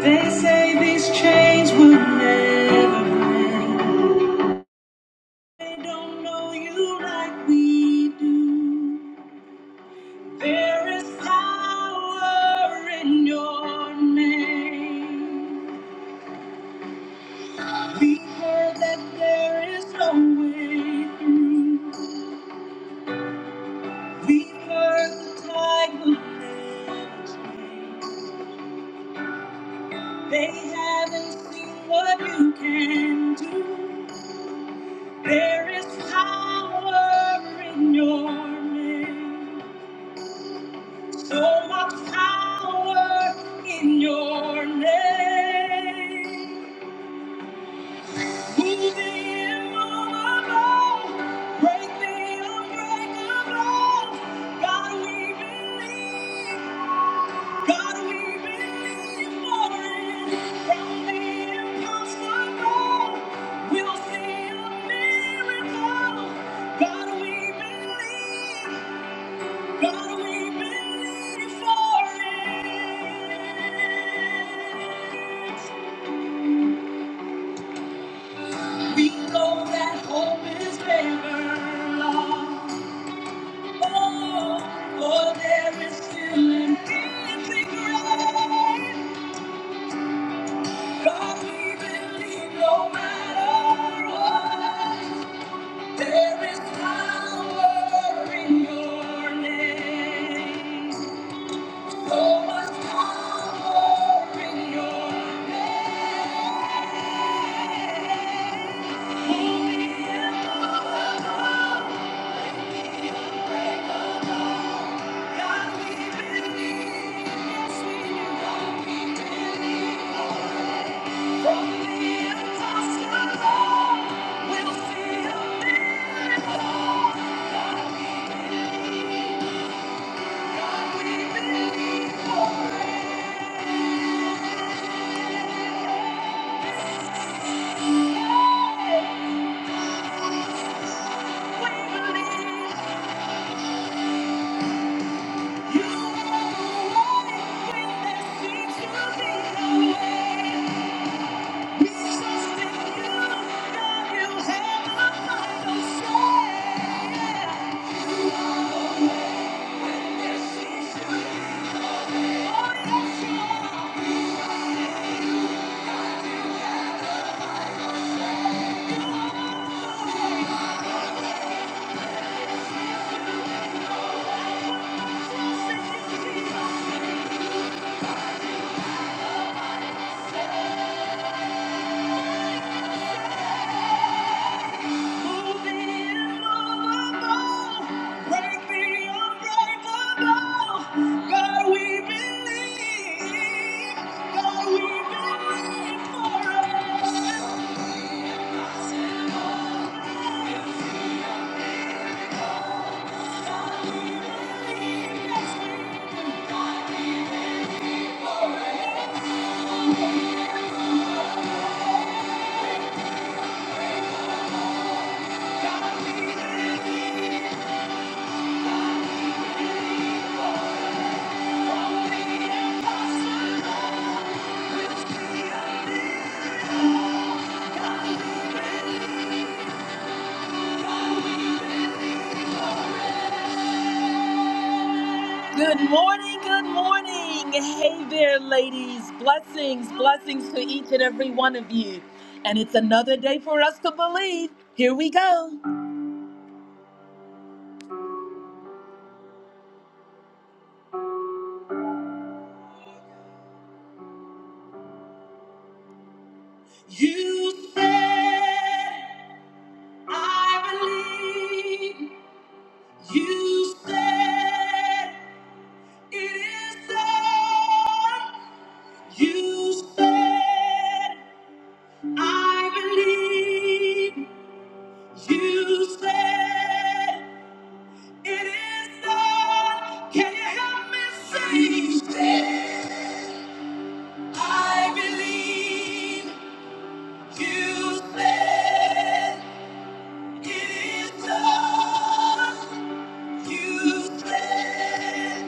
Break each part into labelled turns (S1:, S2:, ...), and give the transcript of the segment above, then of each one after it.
S1: They say these chains will never break. They don't know you like we do. There is power in your name. We've heard that there is no way through. We've heard the tide will never change. They haven't seen what you can do. There is power in your name. So much power in your name. Move the immovable. Break the unbreakable. God, we believe. God, we believe for it. From the impossible, we'll see a miracle. God, we believe. God, we believe for it. We know that hope is never lost. Oh, for there is still an empty grave. God, we believe no matter what. There is power in your name. So much power in your name. Holy and You are the one that seems to be the way. God, we believe. God, we believe for it. Yes, we do. Good morning, good morning. Hey there, ladies. Blessings, blessings to each and every one of you. And it's another day for us to believe. Here we go. You said, I believe. You said, it is done. You said, I believe. You said, It is done. Can you help me say, I believe you said it is done. You said,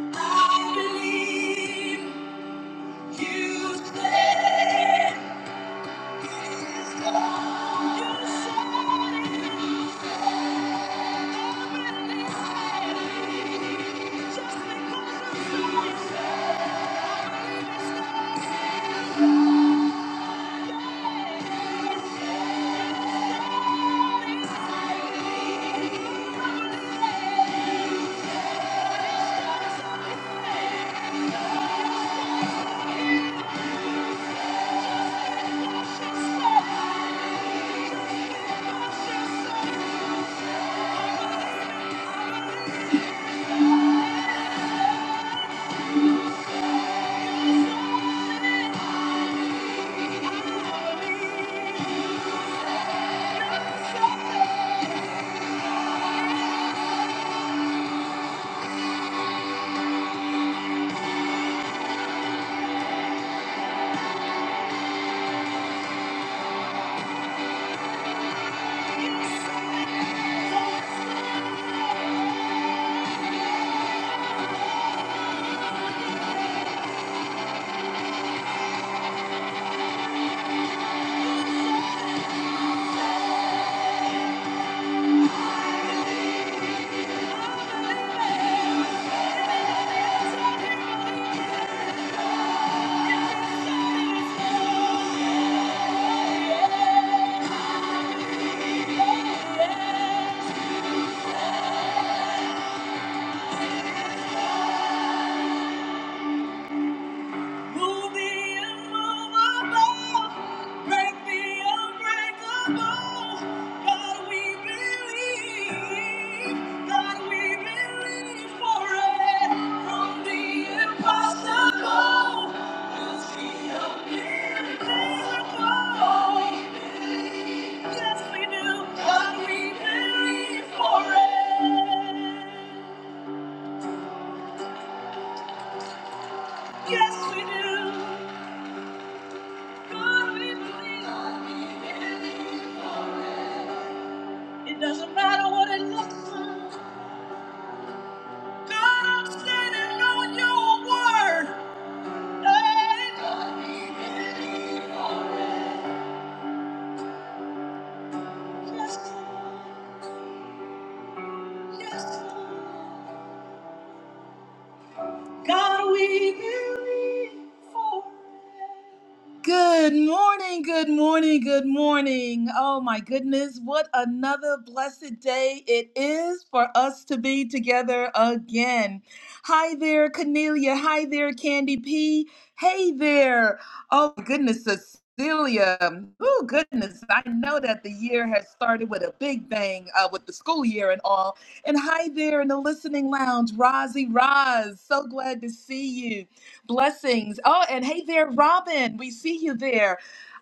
S1: I believe you said it is done. You said it is done. I believe Just because you said it. Move me immovable. Break me unbreakable. God, we believe. God, we believe for it. From the impossible, we'll see a miracle. Yes, we do. God, we believe for it. Yes, we do. It doesn't matter what it looks like. God, I'm standing on your word. Hey. Yes, yes. God, we believe for it. Good morning, good morning, good morning. Oh my goodness, what another blessed day it is for us to be together again. Hi there, Cornelia. Hi there, Candy P. Hey there. Oh my goodness, Cecilia. Oh goodness, I know that the year has started with a big bang uh, with the school year and all. And hi there in the listening lounge, Rozzy Roz. So glad to see you. Blessings. Oh, and hey there, Robin. We see you there.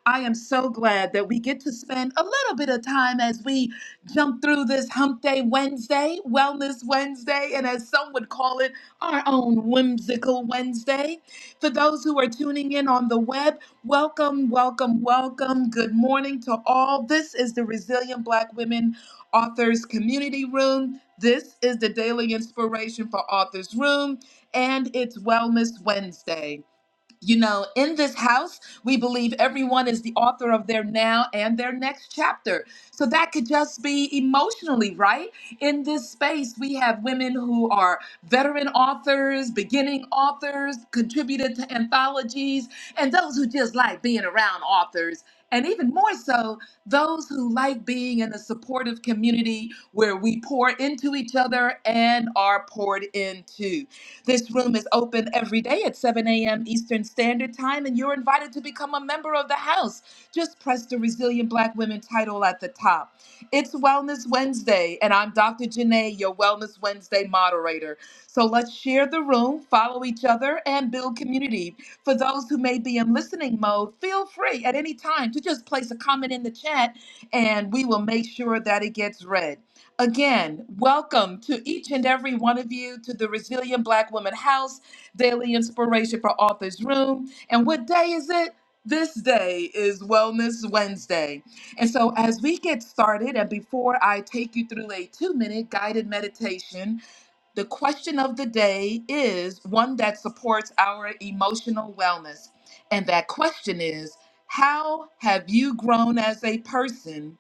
S1: I am so glad that we get to spend a little bit of time as we jump through this Hump Day Wednesday, Wellness Wednesday, and as some would call it, our own whimsical Wednesday. For those who are tuning in on the web, welcome, welcome, welcome. Good morning to all. This is the Resilient Black Women Authors Community Room. This is the daily inspiration for Authors Room and it's Wellness Wednesday. You know, in this house, we believe everyone is the author of their now and their next chapter. So that could just be emotionally, right? In this space, we have women who are veteran authors, beginning authors, contributed to anthologies, and those who just like being around authors. And even more so, those who like being in a supportive community where we pour into each other and are poured into. This room is open every day at 7 a.m. Eastern Standard Time, and you're invited to become a member of the house. Just press the Resilient Black Women title at the top. It's Wellness Wednesday, and I'm Dr. Janae, your Wellness Wednesday moderator. So let's share the room, follow each other, and build community. For those who may be in listening mode, feel free at any time to just place a comment in the chat, and we will make sure that it gets read. Again, welcome to each and every one of you to the Resilient Black Woman House Daily Inspiration for Authors Room. And what day is it? This day is Wellness Wednesday. And so, as we get started, and before I take you through a two minute guided meditation, the question of the day is one that supports our emotional wellness. And that question is How have you grown as a person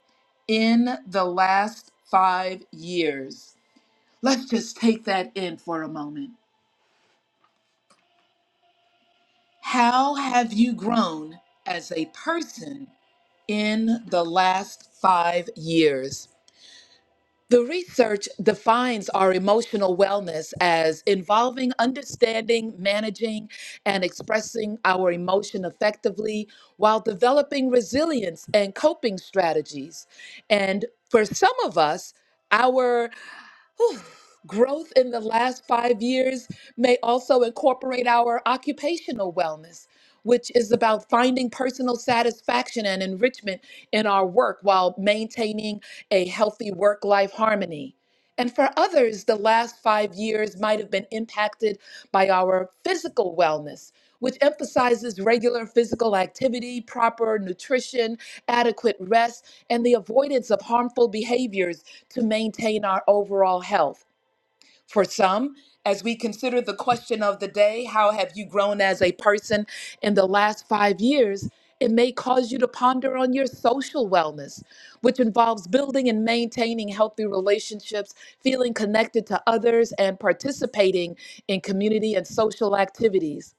S1: in the last five years? Let's just take that in for a moment. How have you grown as a person in the last five years? The research defines our emotional wellness as involving understanding, managing, and expressing our emotion effectively while developing resilience and coping strategies. And for some of us, our whew, growth in the last five years may also incorporate our occupational wellness, which is about finding personal satisfaction and enrichment in our work while maintaining a healthy work life harmony. And for others, the last five years might have been impacted by our physical wellness, which emphasizes regular physical activity, proper nutrition, adequate rest, and the avoidance of harmful behaviors to maintain our overall health. For some, as we consider the question of the day, how have you grown as a person in the last five years? It may cause you to ponder on your social wellness, which involves building and maintaining healthy relationships, feeling connected to others, and participating in community and social activities.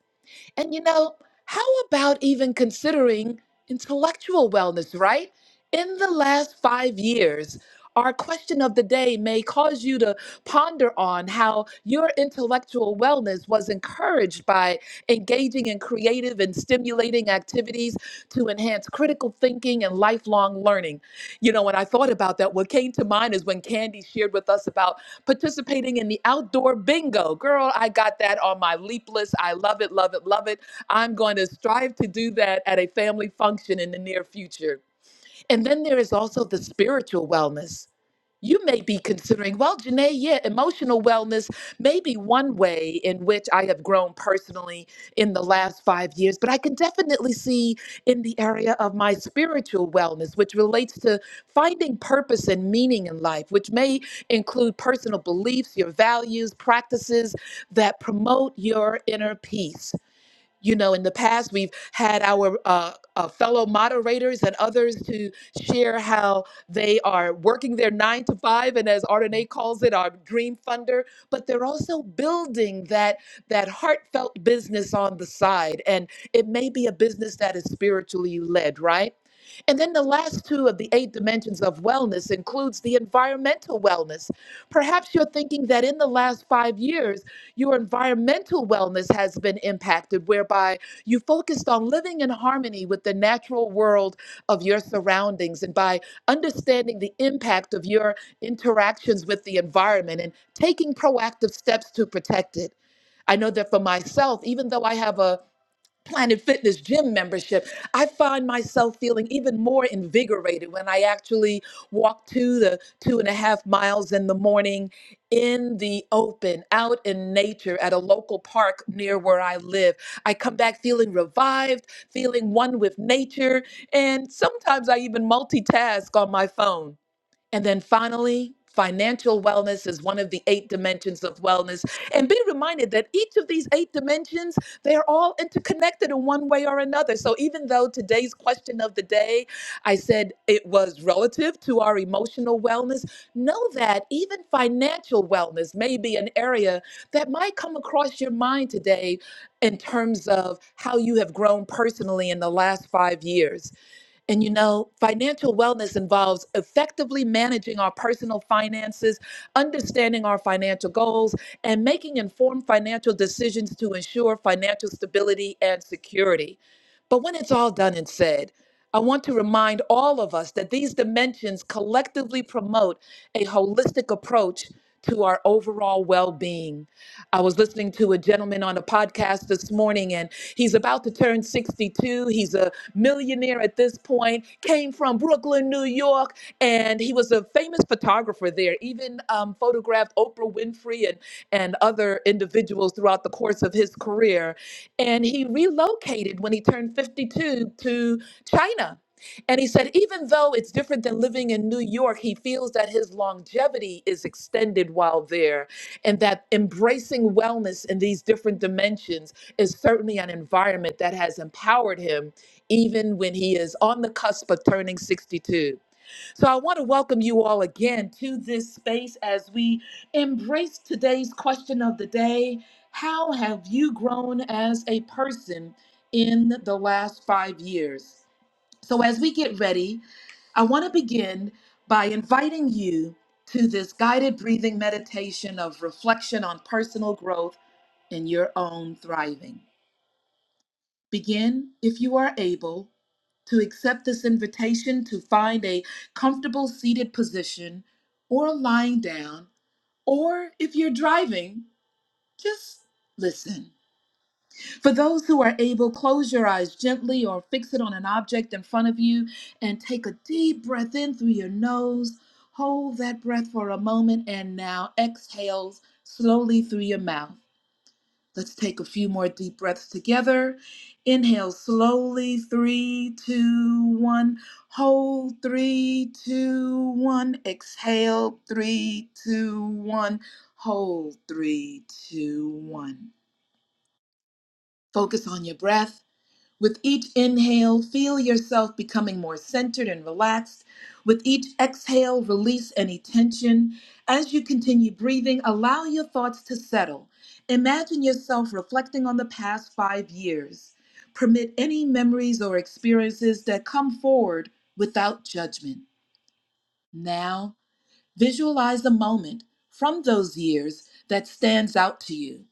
S1: And you know, how about even considering intellectual wellness, right? In the last five years, our question of the day may cause you to ponder on how your intellectual wellness was encouraged by engaging in creative and stimulating activities to enhance critical thinking and lifelong learning. You know, when I thought about that, what came to mind is when Candy shared with us about participating in the outdoor bingo. Girl, I got that on my leap list. I love it, love it, love it. I'm going to strive to do that at a family function in the near future. And then there is also the spiritual wellness you may be considering, well, Janae, yeah, emotional wellness may be one way in which I have grown personally in the last five years, but I can definitely see in the area of my spiritual wellness, which relates to finding purpose and meaning in life, which may include personal beliefs, your values, practices that promote your inner peace. You know, in the past, we've had our uh, uh, fellow moderators and others to share how they are working their nine to five, and as Ardenae calls it, our dream funder. But they're also building that that heartfelt business on the side, and it may be a business that is spiritually led, right? And then the last two of the eight dimensions of wellness includes the environmental wellness. Perhaps you're thinking that in the last five years, your environmental wellness has been impacted, whereby you focused on living in harmony with the natural world of your surroundings and by understanding the impact of your interactions with the environment and taking proactive steps to protect it. I know that for myself, even though I have a Planet Fitness gym membership, I find myself feeling even more invigorated when I actually walk two the two and a half miles in the morning in the open, out in nature at a local park near where I live. I come back feeling revived, feeling one with nature, and sometimes I even multitask on my phone. And then finally, financial wellness is one of the eight dimensions of wellness. And be reminded that each of these eight dimensions, they are all interconnected in one way or another. So even though today's question of the day, I said it was relative to our emotional wellness, know that even financial wellness may be an area that might come across your mind today in terms of how you have grown personally in the last five years. And you know, financial wellness involves effectively managing our personal finances, understanding our financial goals, and making informed financial decisions to ensure financial stability and security. But when it's all done and said, I want to remind all of us that these dimensions collectively promote a holistic approach to our overall well being. I was listening to a gentleman on a podcast this morning, and he's about to turn 62. He's a millionaire at this point, came from Brooklyn, New York, and he was a famous photographer there, even um, photographed Oprah Winfrey and, and other individuals throughout the course of his career. And he relocated when he turned 52 to China and he said, even though it's different than living in New York, he feels that his longevity is extended while there, and that embracing wellness in these different dimensions is certainly an environment that has empowered him, even when he is on the cusp of turning 62. So I want to welcome you all again to this space as we embrace today's question of the day How have you grown as a person in the last five years? So, as we get ready, I want to begin by inviting you to this guided breathing meditation of reflection on personal growth and your own thriving. Begin, if you are able, to accept this invitation to find a comfortable seated position or lying down, or if you're driving, just listen. For those who are able, close your eyes gently or fix it on an object in front of you and take a deep breath in through your nose. Hold that breath for a moment and now exhale slowly through your mouth. Let's take a few more deep breaths together. Inhale slowly, three, two, one. Hold, three, two, one. Exhale, three, two, one. Hold, three, two, one. Focus on your breath. With each inhale, feel yourself becoming more centered and relaxed. With each exhale, release any tension. As you continue breathing, allow your thoughts to settle. Imagine yourself reflecting on the past five years. Permit any memories or experiences that come forward without judgment. Now, visualize a moment from those years that stands out to you.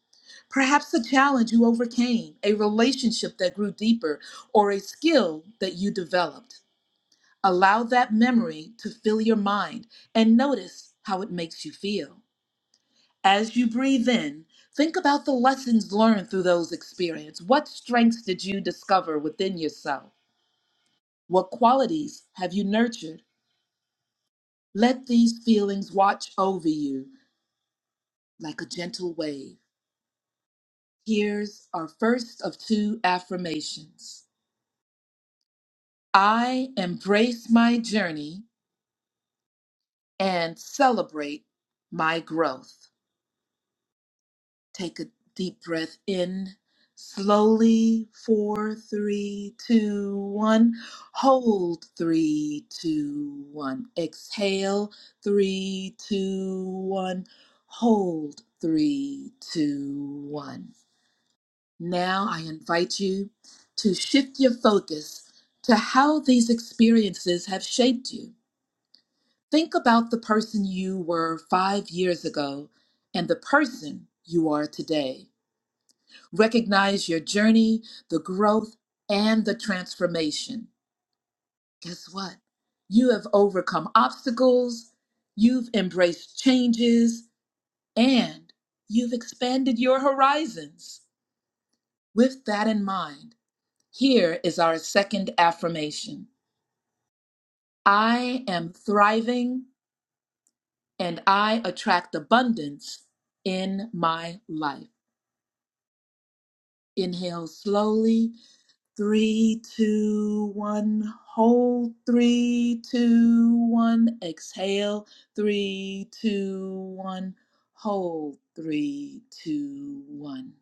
S1: Perhaps a challenge you overcame, a relationship that grew deeper, or a skill that you developed. Allow that memory to fill your mind and notice how it makes you feel. As you breathe in, think about the lessons learned through those experiences. What strengths did you discover within yourself? What qualities have you nurtured? Let these feelings watch over you like a gentle wave. Here's our first of two affirmations. I embrace my journey and celebrate my growth. Take a deep breath in slowly. Four, three, two, one. Hold. Three, two, one. Exhale. Three, two, one. Hold. Three, two, one. Now I invite you to shift your focus to how these experiences have shaped you. Think about the person you were five years ago and the person you are today. Recognize your journey, the growth, and the transformation. Guess what? You have overcome obstacles, you've embraced changes, and you've expanded your horizons. With that in mind, here is our second affirmation I am thriving and I attract abundance in my life. Inhale slowly. Three, two, one. Hold. Three, two, one. Exhale. Three, two, one. Hold. Three, two, one.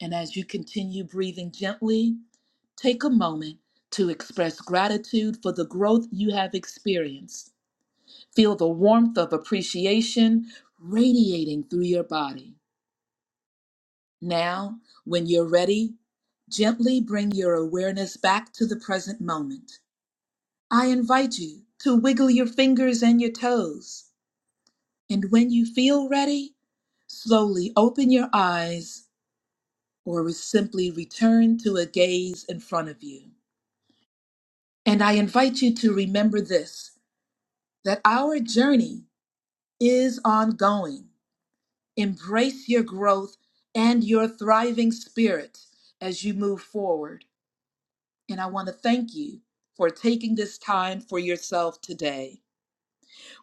S1: And as you continue breathing gently, take a moment to express gratitude for the growth you have experienced. Feel the warmth of appreciation radiating through your body. Now, when you're ready, gently bring your awareness back to the present moment. I invite you to wiggle your fingers and your toes. And when you feel ready, slowly open your eyes or simply return to a gaze in front of you. And I invite you to remember this that our journey is ongoing. Embrace your growth and your thriving spirit as you move forward. And I want to thank you for taking this time for yourself today.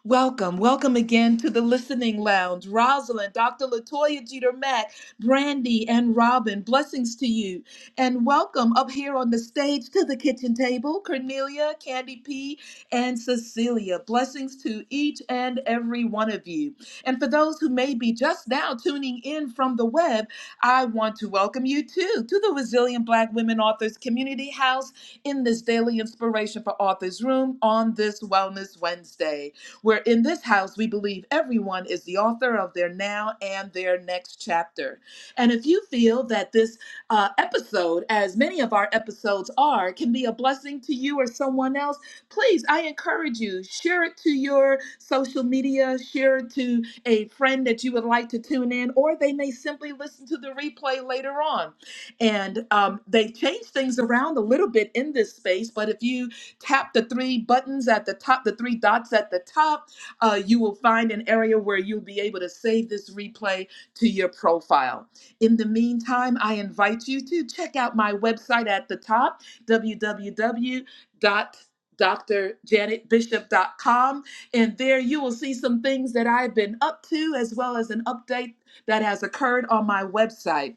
S1: Welcome, welcome again to the Listening Lounge. Rosalind, Dr. Latoya Jeter Mack, Brandy, and Robin, blessings to you. And welcome up here on the stage to the kitchen table, Cornelia, Candy P, and Cecilia. Blessings to each and every one of you. And for those who may be just now tuning in from the web, I want to welcome you too to the Resilient Black Women Authors Community House in this daily inspiration for authors room on this Wellness Wednesday where in this house we believe everyone is the author of their now and their next chapter. And if you feel that this uh, episode, as many of our episodes are, can be a blessing to you or someone else, please, I encourage you, share it to your social media, share it to a friend that you would like to tune in, or they may simply listen to the replay later on. And um, they've changed things around a little bit in this space, but if you Tap the three buttons at the top, the three dots at the top. Uh, you will find an area where you'll be able to save this replay to your profile. In the meantime, I invite you to check out my website at the top, w w w dot dr janet bishop dot com, And there you will see some things that I've been up to, as well as an update that has occurred on my website.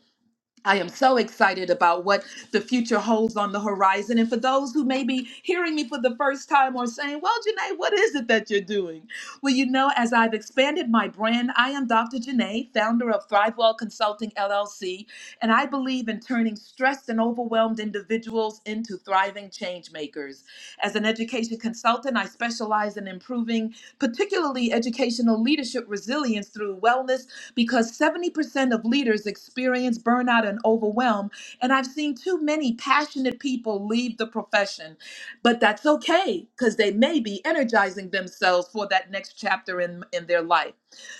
S1: I am so excited about what the future holds on the horizon. And for those who may be hearing me for the first time or saying, Well, Janae, what is it that you're doing? Well, you know, as I've expanded my brand, I am Dr. Janae, founder of ThriveWell Consulting LLC, and I believe in turning stressed and overwhelmed individuals into thriving change makers. As an education consultant, I specialize in improving, particularly educational leadership resilience through wellness because 70% of leaders experience burnout and overwhelm. And I've seen too many passionate people leave the profession, but that's okay because they may be energizing themselves for that next chapter in, in their life.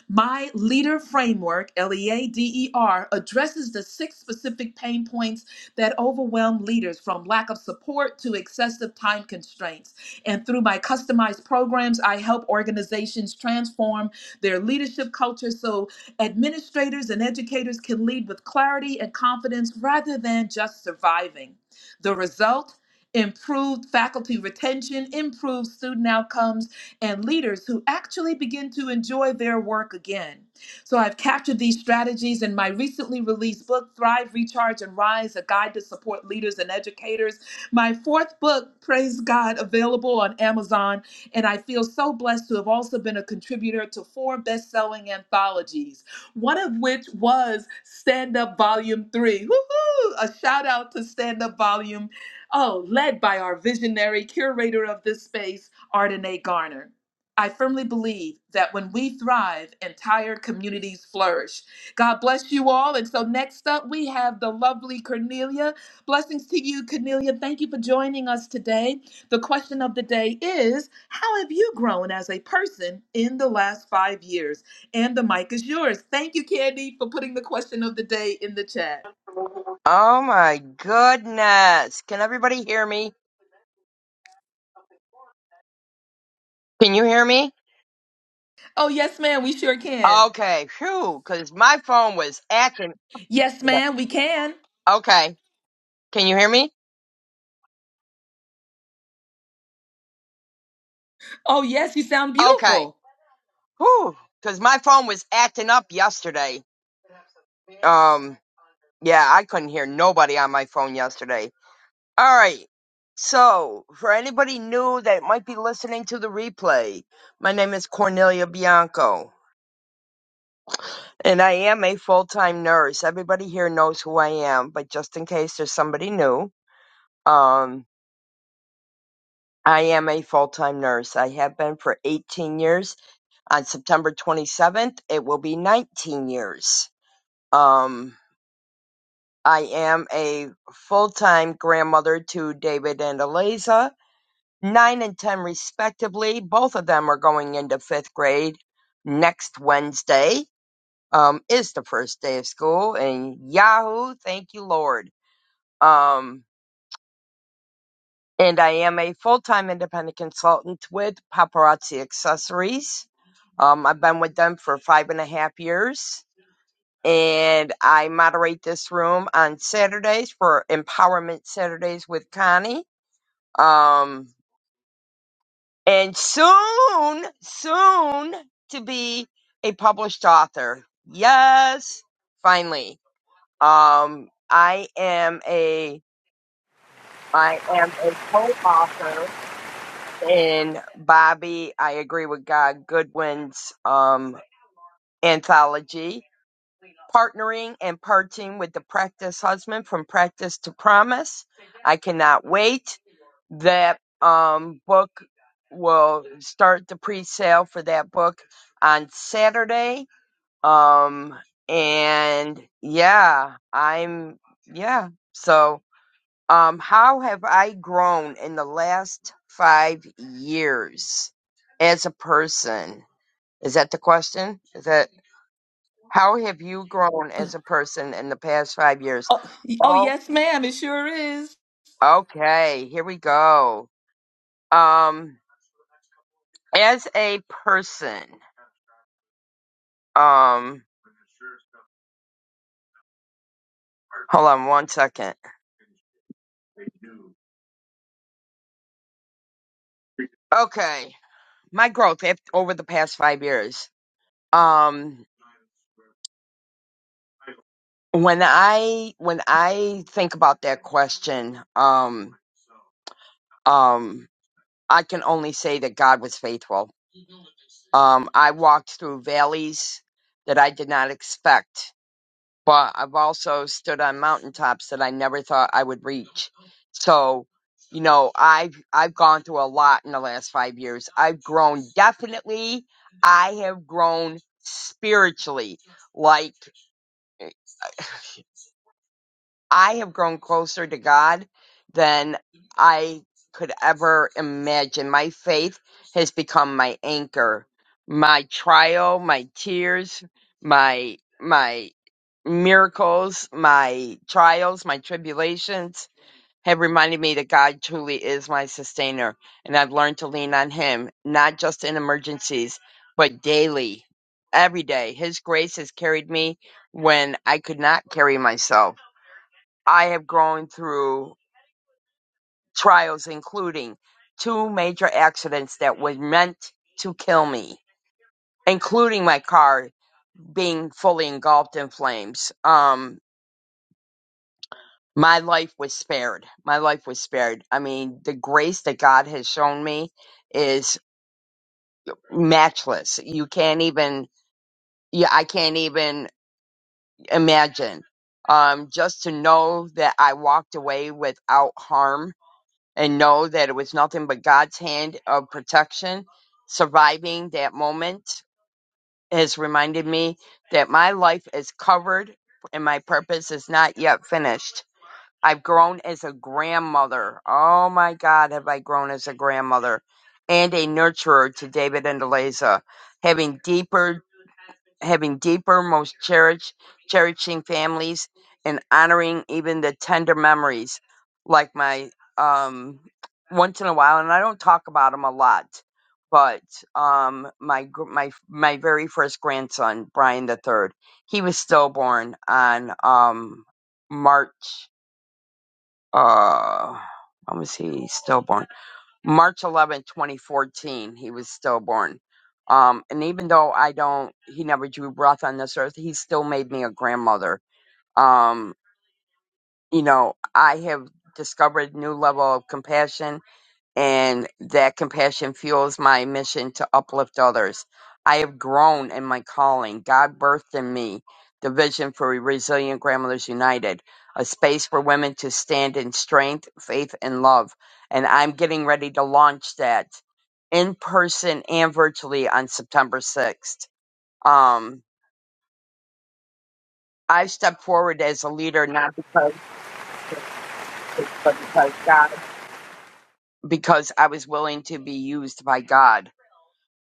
S1: My leader framework, L E A D E R, addresses the six specific pain points that overwhelm leaders from lack of support to excessive time constraints. And through my customized programs, I help organizations transform their leadership culture so Administrators and educators can lead with clarity and confidence rather than just surviving. The result? Improved faculty retention, improved student outcomes, and leaders who actually begin to enjoy their work again. So I've captured these strategies in my recently released book, Thrive, Recharge, and Rise A Guide to Support Leaders and Educators. My fourth book, Praise God, available on Amazon. And I feel so blessed to have also been a contributor to four best selling anthologies one of which was Stand Up Volume 3. Woohoo! A shout out to Stand Up Volume, oh, led by our visionary curator of this space, Ardenae Garner. I firmly believe that when we thrive, entire communities flourish. God bless you all. And so next up, we have the lovely Cornelia. Blessings to you, Cornelia. Thank you for joining us today. The question of the day is How have you grown as a person in the last five years? And the mic is yours. Thank you, Candy, for putting the question of the day in the chat.
S2: Oh my goodness. Can everybody hear me? Can you hear me?
S1: Oh, yes, ma'am, we sure can.
S2: Okay. Phew. Cause my phone was acting.
S1: Yes, ma'am, we can.
S2: Okay. Can you hear me?
S1: Oh, yes, you sound
S2: Okay.
S1: beautiful.
S2: Whew. Cause my phone was acting up yesterday. Um, yeah, I couldn't hear nobody on my phone yesterday. All right. So for anybody new that might be listening to the replay, my name is Cornelia Bianco. And I am a full time nurse. Everybody here knows who I am, but just in case there's somebody new, um, I am a full time nurse. I have been for 18 years. On September 27th, it will be 19 years. Um, I am a full time grandmother to David and Eliza, nine and 10 respectively. Both of them are going into fifth grade next Wednesday. Um, is the first day of school, and Yahoo! Thank you, Lord. Um, and I am a full-time independent consultant with Paparazzi Accessories. Um, I've been with them for five and a half years, and I moderate this room on Saturdays for Empowerment Saturdays with Connie. Um, and soon, soon to be a published author. Yes, finally. Um, I am a I am a co-author. And Bobby, I agree with God Goodwin's um, anthology, partnering and parting with the practice husband from practice to promise. I cannot wait. That um, book will start the pre-sale for that book on Saturday. Um, and yeah, I'm yeah. So um, how have I grown in the last five years as a person? Is that the question? Is that how have you grown
S1: Uh,
S2: as a person in the past five years?
S1: Oh, oh
S2: Oh,
S1: yes, ma'am, it sure is.
S2: okay. Here we go. Um, as a person, um, hold on one second. Okay, my growth af- over the past five years. Um, When I when I think about that question, um, um, I can only say that God was faithful. Um, I walked through valleys that I did not expect, but I've also stood on mountaintops that I never thought I would reach. So, you know, I've I've gone through a lot in the last five years. I've grown definitely. I have grown spiritually, like. I have grown closer to God than I could ever imagine. My faith has become my anchor, my trial, my tears, my my miracles, my trials, my tribulations have reminded me that God truly is my sustainer, and I've learned to lean on Him, not just in emergencies, but daily, every day. His grace has carried me when I could not carry myself. I have grown through trials, including two major accidents that were meant to kill me, including my car being fully engulfed in flames. Um, my life was spared. My life was spared. I mean, the grace that God has shown me is matchless. You can't even, yeah, I can't even imagine. Um, just to know that I walked away without harm and know that it was nothing but God's hand of protection. Surviving that moment has reminded me that my life is covered and my purpose is not yet finished. I've grown as a grandmother. Oh my God, have I grown as a grandmother and a nurturer to David and Eliza, having deeper having deeper, most cherished, cherishing families and honoring even the tender memories, like my um, once in a while, and I don't talk about them a lot, but um, my gr- my my very first grandson, Brian the third, he was stillborn on um, March. Uh, when was he stillborn? March eleventh, 2014, he was stillborn. Um, and even though I don't, he never drew breath on this earth, he still made me a grandmother. Um, you know, I have discovered a new level of compassion and that compassion fuels my mission to uplift others. I have grown in my calling. God birthed in me the vision for Resilient Grandmothers United, a space for women to stand in strength, faith, and love. And I'm getting ready to launch that in person and virtually on September 6th. Um, I stepped forward as a leader not because, but because God, because I was willing to be used by God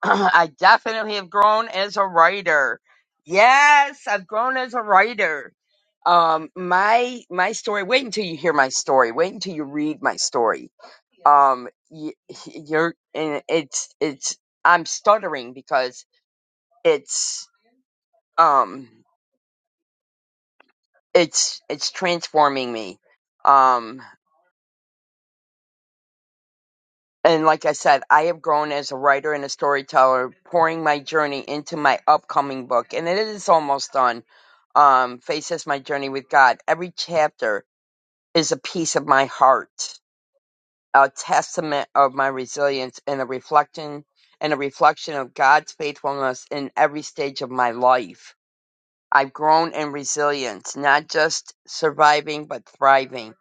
S2: I definitely have grown as a writer. Yes, I've grown as a writer. Um, my my story. Wait until you hear my story. Wait until you read my story. Um, y- you're and it's it's I'm stuttering because it's um it's it's transforming me. Um, And like I said, I have grown as a writer and a storyteller, pouring my journey into my upcoming book, and it is almost done. Um, Faces My Journey with God. Every chapter is a piece of my heart, a testament of my resilience, and a reflection and a reflection of God's faithfulness in every stage of my life. I've grown in resilience, not just surviving but thriving,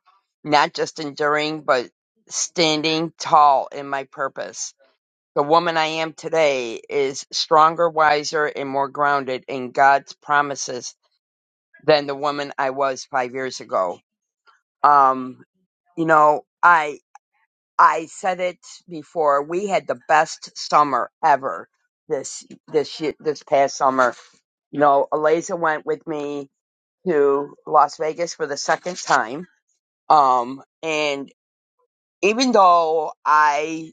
S2: not just enduring but standing tall in my purpose. The woman I am today is stronger, wiser, and more grounded in God's promises than the woman I was five years ago. Um, you know, I I said it before. We had the best summer ever this this year, this past summer. You know, Eliza went with me to Las Vegas for the second time. Um, and even though I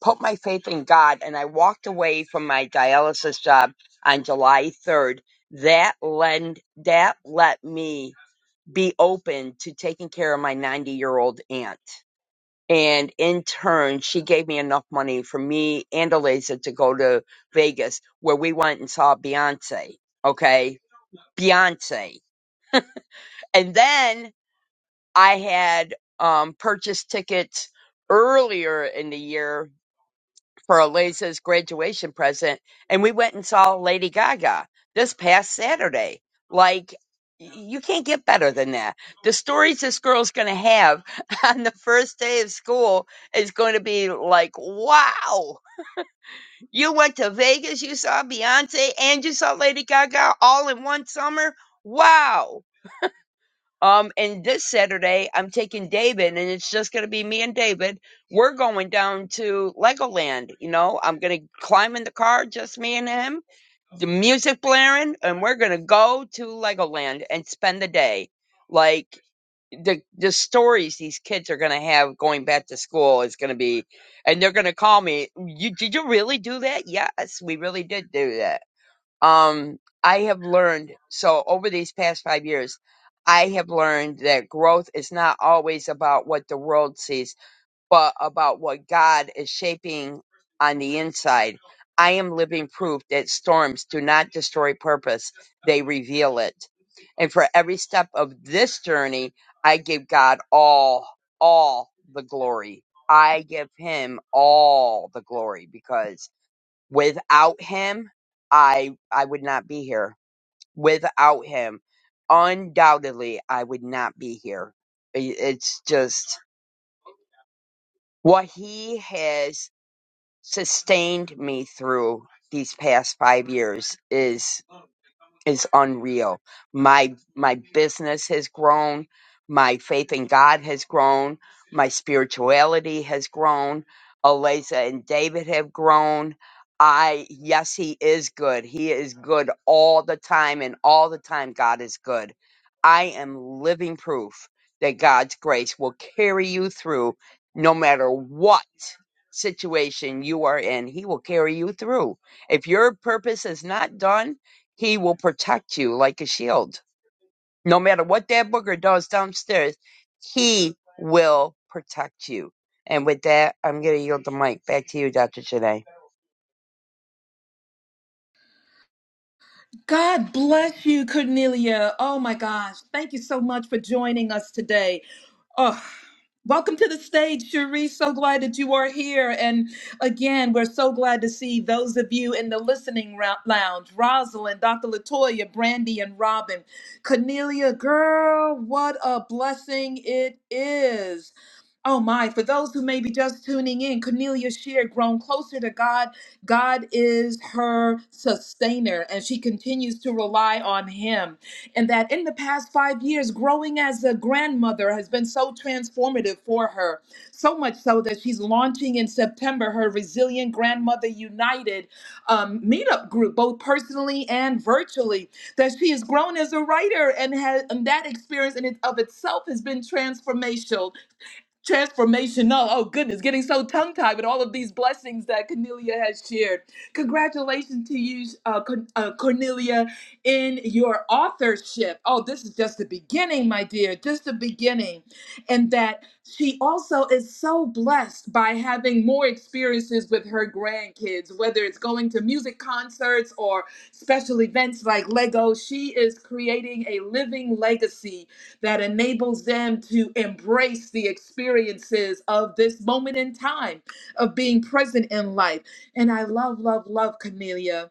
S2: put my faith in God and I walked away from my dialysis job on July 3rd, that lend that let me be open to taking care of my 90-year-old aunt. And in turn, she gave me enough money for me and Eliza to go to Vegas where we went and saw Beyonce. Okay. Beyonce. And then I had um, purchased tickets earlier in the year for Eliza's graduation present, and we went and saw Lady Gaga this past Saturday. Like, y- you can't get better than that. The stories this girl's going to have on the first day of school is going to be like, wow, you went to Vegas, you saw Beyonce, and you saw Lady Gaga all in one summer. Wow um, and this Saturday, I'm taking David, and it's just going to be me and David. We're going down to Legoland. You know, I'm going to climb in the car, just me and him, the music blaring, and we're going to go to Legoland and spend the day. Like the the stories these kids are going to have going back to school is going to be, and they're going to call me. You did you really do that? Yes, we really did do that um, I have learned so over these past five years, I have learned that growth is not always about what the world sees, but about what God is shaping on the inside. I am living proof that storms do not destroy purpose, they reveal it. And for every step of this journey, I give God all, all the glory. I give him all the glory because. Without him, I I would not be here. Without him, undoubtedly I would not be here. I- It's just what he has sustained me through these past 5 years is is unreal. My my business has grown, my faith in God has grown, my spirituality has grown. Eliza and David have grown. I yes, he is good. He is good all the time, and all the time God is good. I am living proof that God's grace will carry you through no matter what situation you are in. He will carry you through. If your purpose is not done, he will protect you like a shield. No matter what that booger does downstairs, he will protect you. And with that, I'm going to yield the mic back to you, Dr. Janae.
S1: God bless you, Cornelia. Oh my gosh. Thank you so much for joining us today. Oh, welcome to the stage, Cherie. So glad that you are here. And again, we're so glad to see those of you in the listening rou- lounge Rosalind, Dr. Latoya, Brandy, and Robin. Cornelia, girl, what a blessing it is. Oh my, for those who may be just tuning in, Cornelia shared grown closer to God God is her sustainer, and she continues to rely on Him. And that in the past five years, growing as a grandmother has been so transformative for her. So much so that she's launching in September her Resilient Grandmother United um, meetup group, both personally and virtually. That she has grown as a writer, and, has, and that experience in it of itself has been transformational transformational. Oh goodness, getting so tongue tied with all of these blessings that Cornelia has shared. Congratulations to you, uh, Con- uh, Cornelia, in your authorship. Oh, this is just the beginning, my dear, just the beginning. And that she also is so blessed by having more experiences with her grandkids, whether it's going to music concerts or special events like Lego. She is creating a living legacy that enables them to embrace the experiences of this moment in time of being present in life. And I love, love, love Cornelia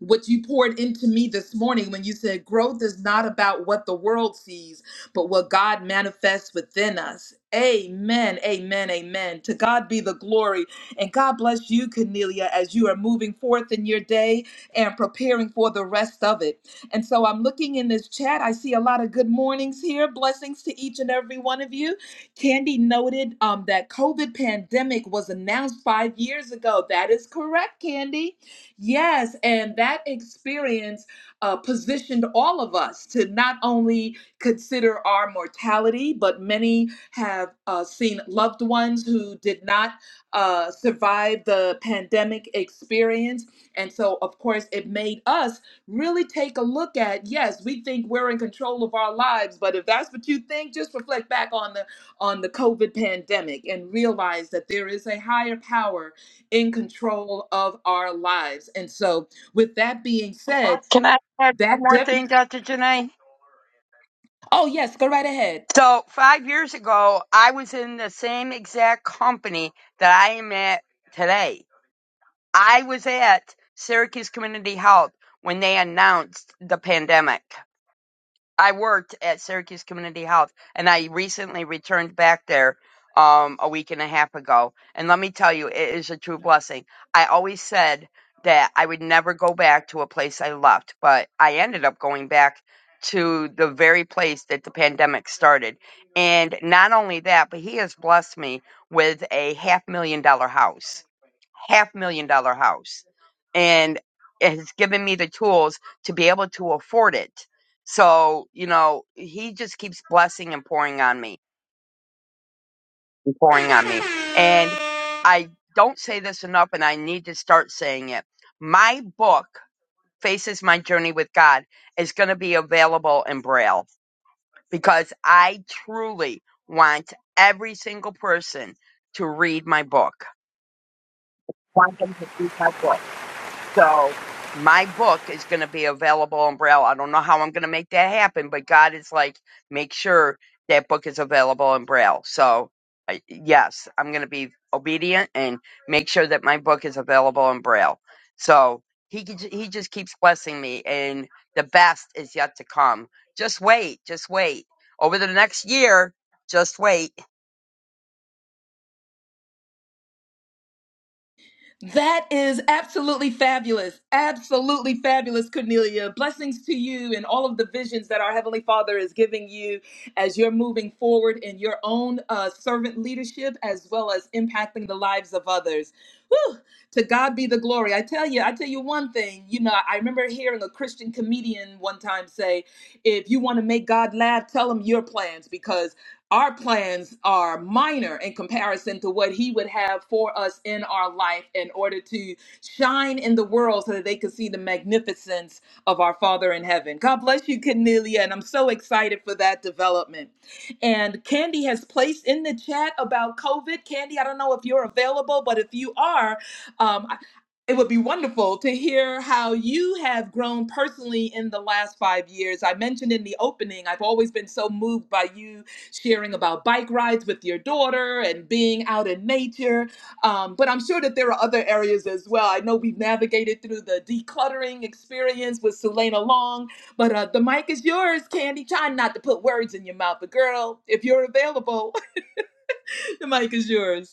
S1: what you poured into me this morning when you said growth is not about what the world sees, but what God manifests within us. Amen, amen, amen. To God be the glory. And God bless you, Cornelia, as you are moving forth in your day and preparing for the rest of it. And so I'm looking in this chat. I see a lot of good mornings here. Blessings to each and every one of you. Candy noted um, that COVID pandemic was announced five years ago. That is correct, Candy. Yes, and that experience uh, positioned all of us to not only consider our mortality, but many have uh, seen loved ones who did not uh, survive the pandemic experience. And so, of course, it made us really take a look at yes, we think we're in control of our lives, but if that's what you think, just reflect back on the on the COVID pandemic and realize that there is a higher power in control of our lives. And so, with that being said,
S2: Can I add one
S1: that
S2: more
S1: def-
S2: thing, Dr. Janae?
S1: oh yes, go right ahead.
S2: So, five years ago, I was in the same exact company that I am at today. I was at Syracuse Community Health when they announced the pandemic. I worked at Syracuse Community Health, and I recently returned back there um, a week and a half ago. And let me tell you, it is a true blessing. I always said that I would never go back to a place I left, but I ended up going back to the very place that the pandemic started. And not only that, but he has blessed me with a half million dollar house half million dollar house and it has given me the tools to be able to afford it. So, you know, he just keeps blessing and pouring on me, and pouring on me. And I don't say this enough, and I need to start saying it. My book, Faces My Journey with God, is going to be available in Braille because I truly want every single person to read my book. Want them to read my book So my book is going to be available on Braille. I don't know how I'm going to make that happen, but God is like, make sure that book is available in Braille. So I- yes, I'm going to be obedient and make sure that my book is available in Braille. So he could- he just keeps blessing me, and the best is yet to come. Just wait, just wait. Over the next year, just wait.
S1: That is absolutely fabulous. Absolutely fabulous, Cornelia. Blessings to you and all of the visions that our Heavenly Father is giving you as you're moving forward in your own uh, servant leadership as well as impacting the lives of others. Whew, to God be the glory. I tell you, I tell you one thing. You know, I remember hearing a Christian comedian one time say, if you want to make God laugh, tell him your plans because our plans are minor in comparison to what he would have for us in our life in order to shine in the world so that they could see the magnificence of our father in heaven god bless you cornelia and i'm so excited for that development and candy has placed in the chat about covid candy i don't know if you're available but if you are um, I- it would be wonderful to hear how you have grown personally in the last five years. I mentioned in the opening, I've always been so moved by you sharing about bike rides with your daughter and being out in nature. Um, but I'm sure that there are other areas as well. I know we've navigated through the decluttering experience with Selena Long, but uh, the mic is yours, Candy. Trying not to put words in your mouth, but girl, if you're available, the mic is yours.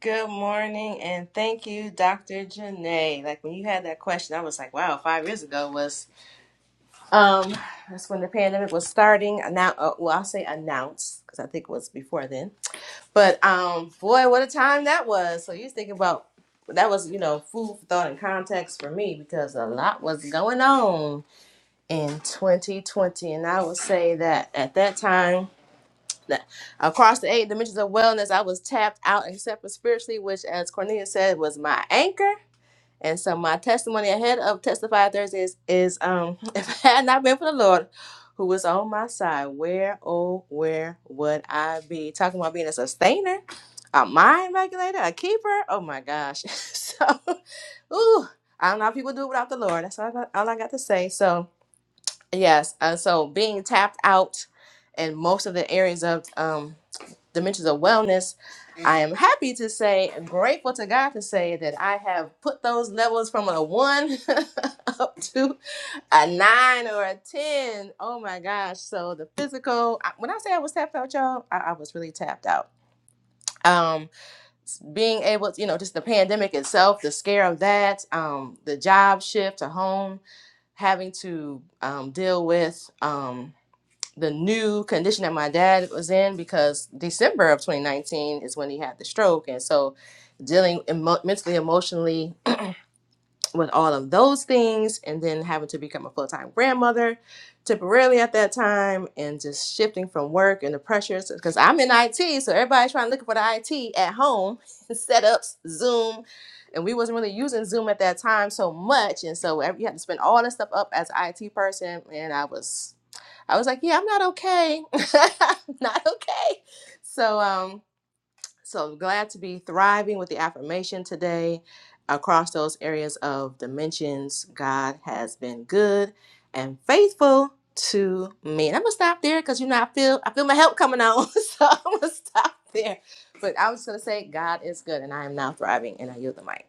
S3: Good morning, and thank you, Dr. Janae. Like when you had that question, I was like, "Wow, five years ago was um that's when the pandemic was starting." Now, uh, well, I'll say announced because I think it was before then. But um, boy, what a time that was! So you think about that was you know food for thought and context for me because a lot was going on in 2020, and I would say that at that time across the eight dimensions of wellness, I was tapped out and separate spiritually, which, as Cornelia said, was my anchor. And so, my testimony ahead of Testify Thursdays is is um, if it had not been for the Lord who was on my side, where, oh, where would I be? Talking about being a sustainer, a mind regulator, a keeper. Oh my gosh. so, ooh, I don't know how people do it without the Lord. That's all I got, all I got to say. So, yes. Uh, so, being tapped out in most of the areas of um, dimensions of wellness, I am happy to say, grateful to God to say that I have put those levels from a one up to a nine or a 10. Oh my gosh. So the physical, I- when I say I was tapped out, y'all, I, I was really tapped out. Um, being able to, you know, just the pandemic itself, the scare of that, um, the job shift to home, having to um, deal with. Um, the new condition that my dad was in because December of 2019 is when he had the stroke. And so dealing emo- mentally, emotionally with all of those things, and then having to become a full time grandmother temporarily at that time, and just shifting from work and the pressures because I'm in IT. So everybody's trying to look for the IT at home, setups, Zoom. And we wasn't really using Zoom at that time so much, and so ev- you had to spend all this stuff up as an IT person, and I was I was like, yeah, I'm not okay. I'm not okay. So, um, so glad to be thriving with the affirmation today across those areas of dimensions. God has been good and faithful to me. And I'm gonna stop there because you know I feel I feel my help coming on. So I'm gonna stop there. But I was gonna say God is good and I am now thriving and I yield the mic.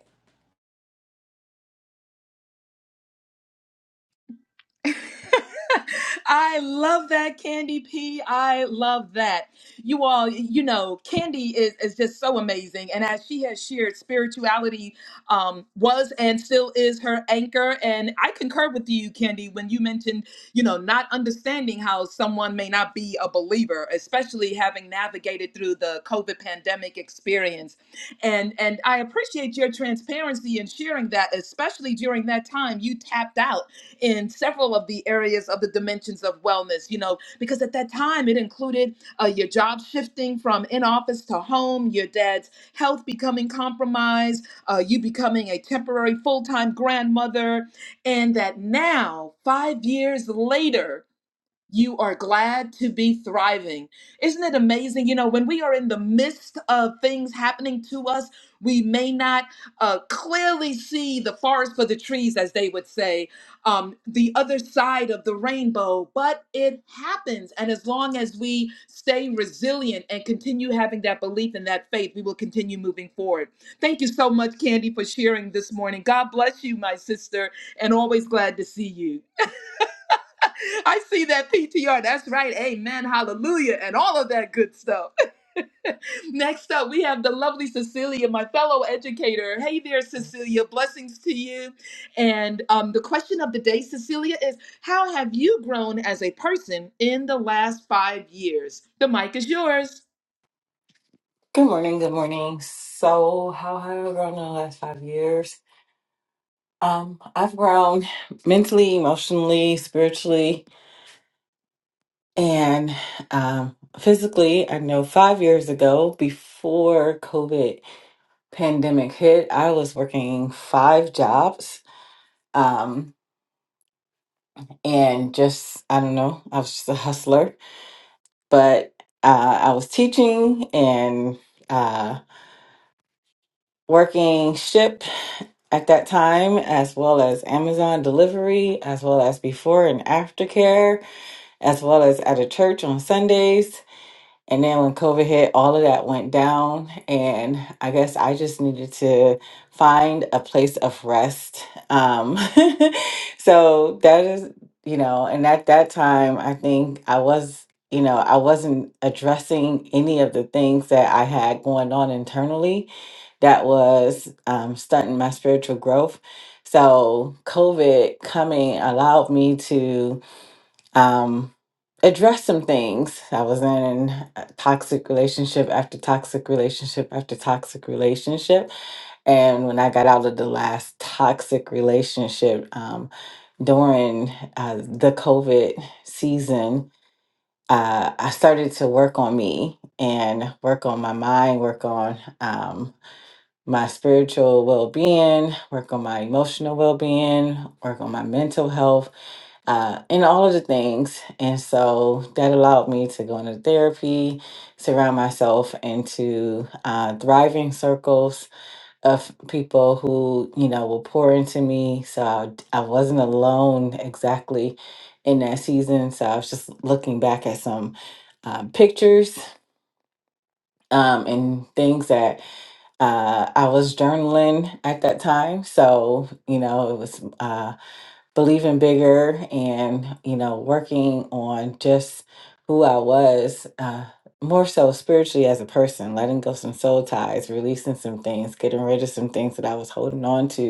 S1: I love that, Candy P. I love that. You all, you know, Candy is, is just so amazing. And as she has shared, spirituality um, was and still is her anchor. And I concur with you, Candy, when you mentioned, you know, not understanding how someone may not be a believer, especially having navigated through the COVID pandemic experience. And and I appreciate your transparency in sharing that, especially during that time you tapped out in several of the areas of the dimensions of wellness, you know, because at that time it included uh, your job shifting from in office to home, your dad's health becoming compromised, uh, you becoming a temporary full time grandmother, and that now, five years later, you are glad to be thriving. Isn't it amazing? You know, when we are in the midst of things happening to us, we may not uh, clearly see the forest for the trees, as they would say, um, the other side of the rainbow, but it happens. And as long as we stay resilient and continue having that belief and that faith, we will continue moving forward. Thank you so much, Candy, for sharing this morning. God bless you, my sister, and always glad to see you. I see that PTR. That's right. Amen. Hallelujah. And all of that good stuff. Next up, we have the lovely Cecilia, my fellow educator. Hey there, Cecilia. Blessings to you. And um, the question of the day, Cecilia, is how have you grown as a person in the last five years? The mic is yours.
S4: Good morning, good morning. So, how have I grown in the last five years? Um, I've grown mentally, emotionally, spiritually, and um, physically. I know five years ago, before COVID pandemic hit, I was working five jobs. Um, and just, I don't know, I was just a hustler, but uh, I was teaching and uh, working shifts at that time, as well as Amazon delivery, as well as before and after care, as well as at a church on Sundays. And then when COVID hit, all of that went down. And I guess I just needed to find a place of rest. Um, so that is, you know, and at that time, I think I was, you know, I wasn't addressing any of the things that I had going on internally that was um, stunting my spiritual growth. So COVID coming allowed me to um, address some things. I was in a toxic relationship after toxic relationship after toxic relationship. And when I got out of the last toxic relationship um, during uh, the COVID season, uh, I started to work on me and work on my mind, work on um, my spiritual well being, work on my emotional well being, work on my mental health uh, and all of the things. And so that allowed me to go into therapy, surround myself into uh, thriving circles of people who, you know, will pour into me. So I, I wasn't alone exactly in that season. So I was just looking back at some um, pictures. Um, and things that uh, I was journaling at that time. So, you know, it was. Uh, believing bigger and you know working on just who i was uh, more so spiritually as a person letting go some soul ties releasing some things getting rid of some things that i was holding on to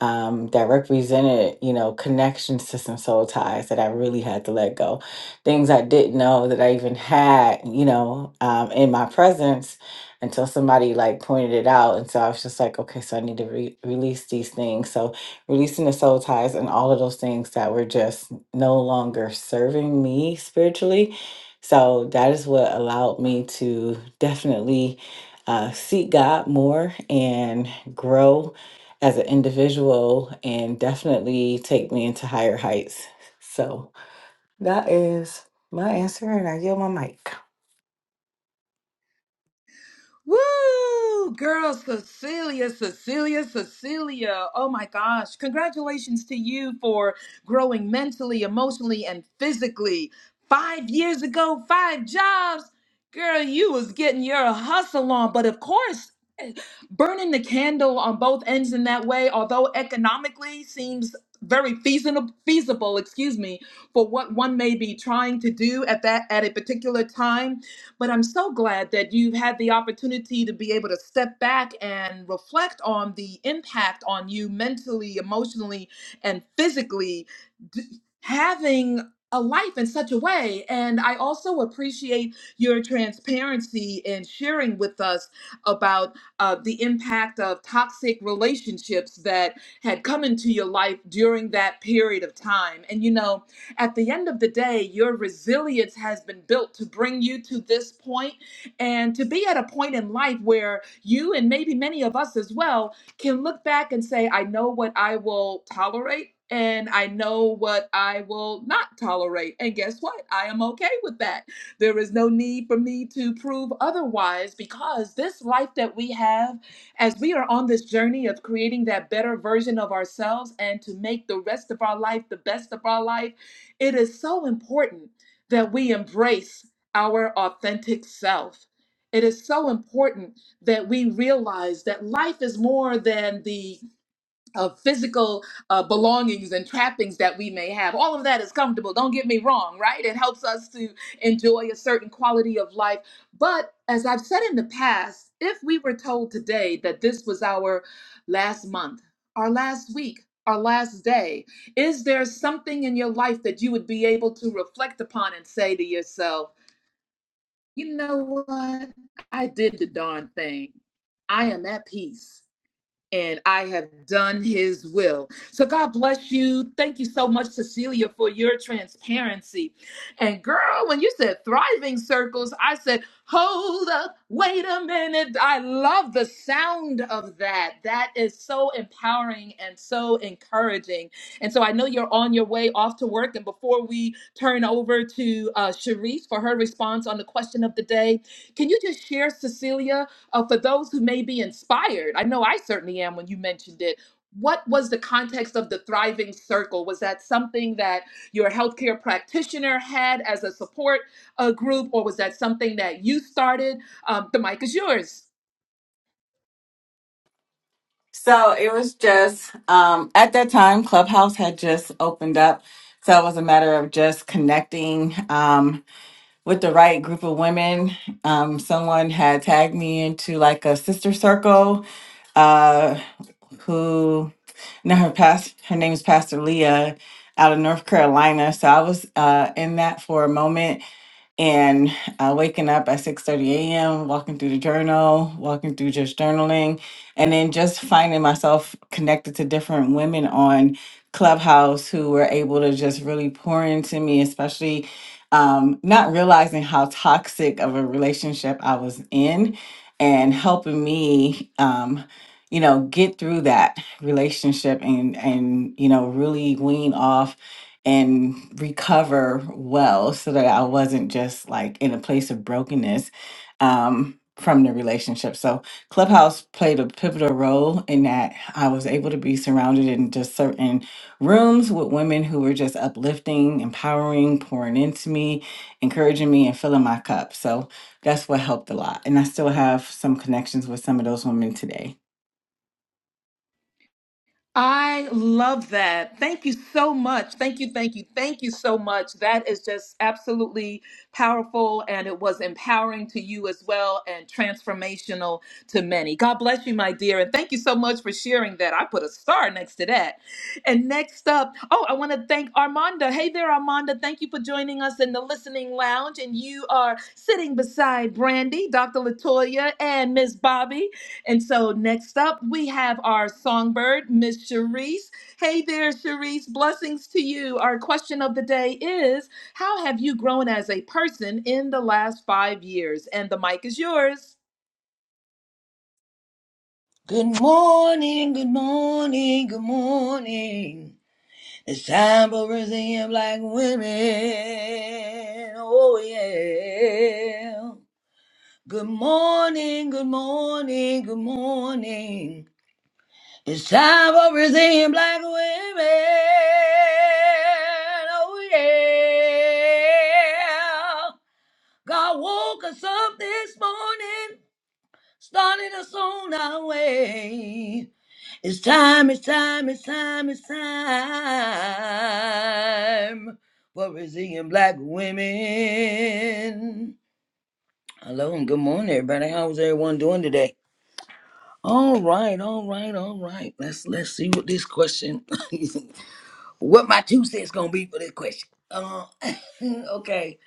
S4: um, that represented, you know, connections to some soul ties that I really had to let go. Things I didn't know that I even had, you know, um, in my presence until somebody like pointed it out. And so I was just like, okay, so I need to re- release these things. So releasing the soul ties and all of those things that were just no longer serving me spiritually. So that is what allowed me to definitely uh, seek God more and grow as an individual and definitely take me into higher heights. So that is my answer, and I yield my mic.
S1: Woo! Girl, Cecilia, Cecilia, Cecilia. Oh my gosh. Congratulations to you for growing mentally, emotionally, and physically. Five years ago, five jobs. Girl, you was getting your hustle on. But of course, burning the candle on both ends in that way, although economically seems very feasible, feasible, excuse me, for what one may be trying to do at that at a particular time. But I'm so glad that you've had the opportunity to be able to step back and reflect on the impact on you mentally, emotionally, and physically d- having a life in such a way. And I also appreciate your transparency in sharing with us about uh, the impact of toxic relationships that had come into your life during that period of time. And you know, at the end of the day, your resilience has been built to bring you to this point and to be at a point in life where you and maybe many of us as well can look back and say, I know what I will tolerate. And I know what I will not tolerate. And guess what? I am okay with that there is no need for me to prove otherwise because this life that we have, as we are on this journey of creating that better version of ourselves and to make the rest of our life the best of our life, it is so important that we embrace our authentic self. It is so important that we realize that life is more than the of physical uh, belongings and trappings that we may have. All of that is comfortable, don't get me wrong, right? It helps us to enjoy a certain quality of life. But as I've said in the past, if we were told today that this was our last month, our last week, our last day, is there something in your life that you would be able to reflect upon and say to yourself, you know what? I did the darn thing. I am at peace and I have done his will. So God bless you. Thank you so much, Cecilia, for your transparency. And girl, when you said thriving circles, I said, hold up, wait a minute. I love the sound of that. That is so empowering and so encouraging. And so I know you're on your way off to work. And before we turn over to uh, Sharice for her response on the question of the day, can you just share, Cecilia? uh, for those who may be inspired. I know I certainly am when you mentioned it. What was the context of the Thriving Circle? Was that something that your healthcare practitioner had as a support uh, group, or was that something that you started? Um, the mic is yours.
S4: So it was just um, at that time, Clubhouse had just opened up. So it was a matter of just connecting. Um, with the right group of women. Um, someone had tagged me into like a sister circle uh, who now her past her name is Pastor Leah out of North Carolina. So I was uh, in that for a moment and uh, waking up at 6.30 a.m walking through the journal walking through just journaling and then just finding myself connected to different women on clubhouse who were able to just really pour into me especially um, not realizing how toxic of a relationship i was in and helping me um, you know get through that relationship and and you know really wean off and recover well so that I wasn't just like in a place of brokenness um, from the relationship. So, Clubhouse played a pivotal role in that I was able to be surrounded in just certain rooms with women who were just uplifting, empowering, pouring into me, encouraging me, and filling my cup. So, that's what helped a lot. And I still have some connections with some of those women today.
S1: I love that. Thank you so much. Thank you, thank you, thank you so much. That is just absolutely powerful and it was empowering to you as well and transformational to many. God bless you, my dear. And thank you so much for sharing that. I put a star next to that. And next up, oh, I want to thank Armanda. Hey there, Armanda. Thank you for joining us in the listening lounge. And you are sitting beside Brandy, Dr. Latoya, and Miss Bobby. And so next up, we have our songbird, Miss Cherise. Hey there, Cherise. Blessings to you. Our question of the day is How have you grown as a person in the last five years? And the mic is yours.
S5: Good morning, good morning, good morning. It's time for Brazilian black women. Oh yeah. Good morning, good morning, good morning. It's time for Brazilian black women. Oh yeah. God woke us up this morning starting us on our way. It's time, it's time, it's time, it's time for Brazilian black women. Hello and good morning, everybody. How's everyone doing today? All right, all right, all right. Let's let's see what this question, what my two cents gonna be for this question. Uh, okay.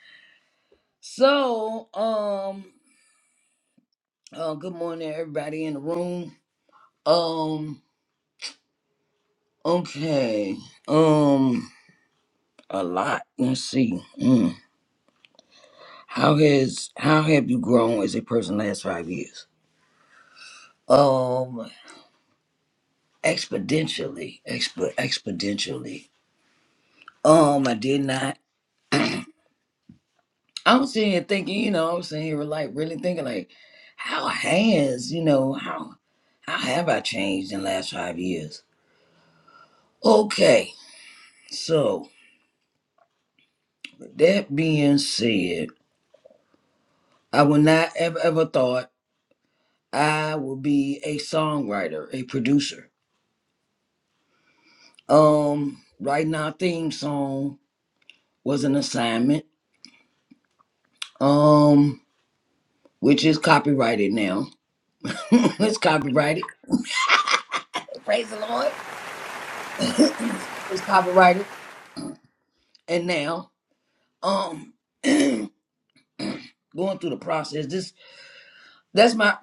S5: So, um, uh, good morning, everybody in the room. Um, Okay. Um, a lot. Let's see. Mm. How has how have you grown as a person last five years? Um, exponentially. Exp- exponentially. Um, I did not. I was sitting here thinking. You know, I was sitting here like really thinking like, how has you know how how have I changed in the last five years? Okay. So with that being said, I would not have ever thought. I will be a songwriter, a producer. Um, writing our theme song was an assignment, um, which is copyrighted now. it's copyrighted. Praise the Lord. it's copyrighted. And now, um, going through the process. This that's my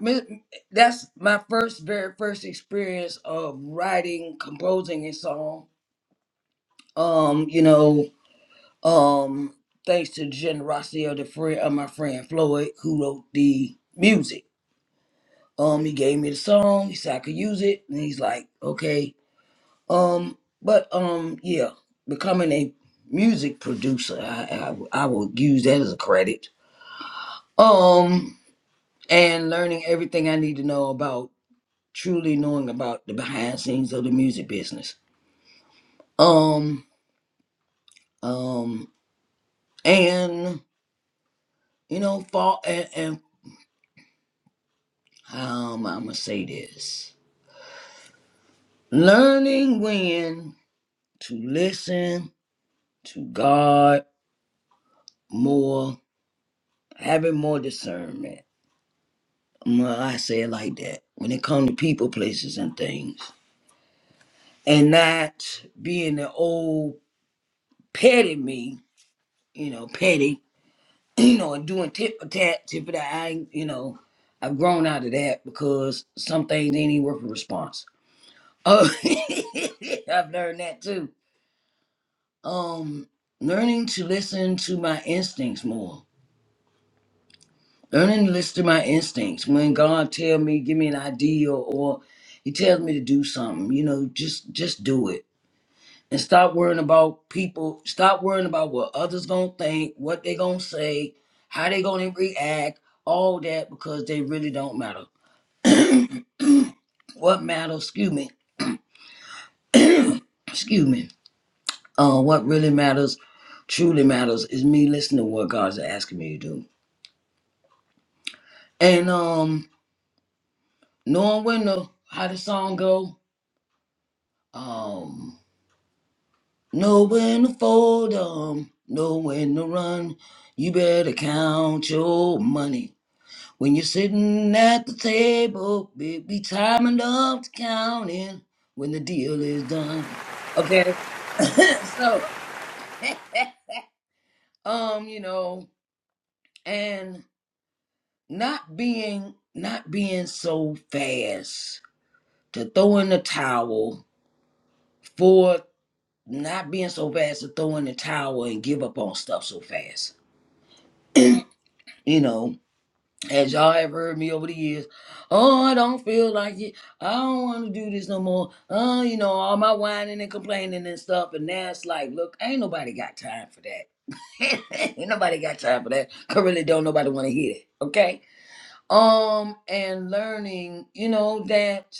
S5: that's my first very first experience of writing, composing a song. Um, you know, Um, thanks to the generosity of the friend of my friend Floyd, who wrote the music. Um, he gave me the song. He said I could use it, and he's like, okay. Um, but um, yeah, becoming a music producer, I I, I will use that as a credit. Um, and learning everything I need to know about truly knowing about the behind scenes of the music business. Um, um, and you know, fall and, and um, I'm gonna say this. learning when to listen to God more, having more discernment. Well, I say it like that when it comes to people, places, and things, and not being the old petty me, you know, petty, you know, and doing tit for tat, tit for tat. I, ain't- you know, I've grown out of that because some things ain't even worth a response. Oh, I've learned that too. Um, learning to listen to my instincts more Learning to listen to my instincts. When God tell me, give me an idea or he tells me to do something, you know, just just do it. And stop worrying about people, stop worrying about what others gonna think, what they gonna say, how they gonna react, all that because they really don't matter. What matters, excuse me, excuse me, uh, what really matters, truly matters is me listening to what God's asking me to do. And um knowing when the how the song go, um. Know when to fold 'em, know when to run. You better count your money. When you're sitting at the table, it be time enough to counting when the deal is done. Okay, so um, you know, and not being not being so fast to throw in the towel for not being so fast to throw in the towel and give up on stuff so fast. You know, as y'all have heard me over the years, oh, I don't feel like it. I don't want to do this no more. Oh, you know, all my whining and complaining and stuff. And now it's like, look, ain't nobody got time for that. ain't nobody got time for that. I really don't nobody want to hear it. Okay. Um, and learning, you know, that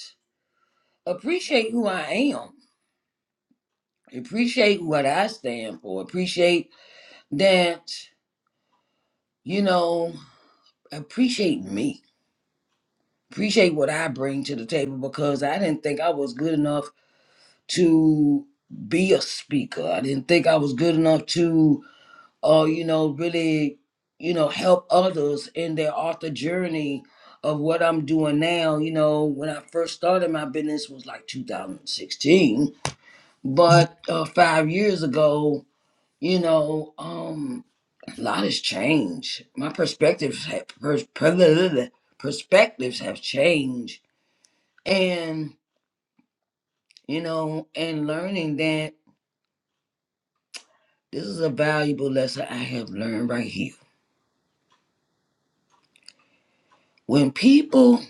S5: appreciate who I am. Appreciate what I stand for. Appreciate that, you know, appreciate me appreciate what I bring to the table because I didn't think I was good enough to be a speaker. I didn't think I was good enough to, uh, you know, really, you know, help others in their author journey of what I'm doing now. You know, when I first started my business was like 2016, but uh, five years ago, you know, um, a lot has changed. My perspectives have pers- perspectives have changed, and you know, and learning that this is a valuable lesson I have learned right here. When people,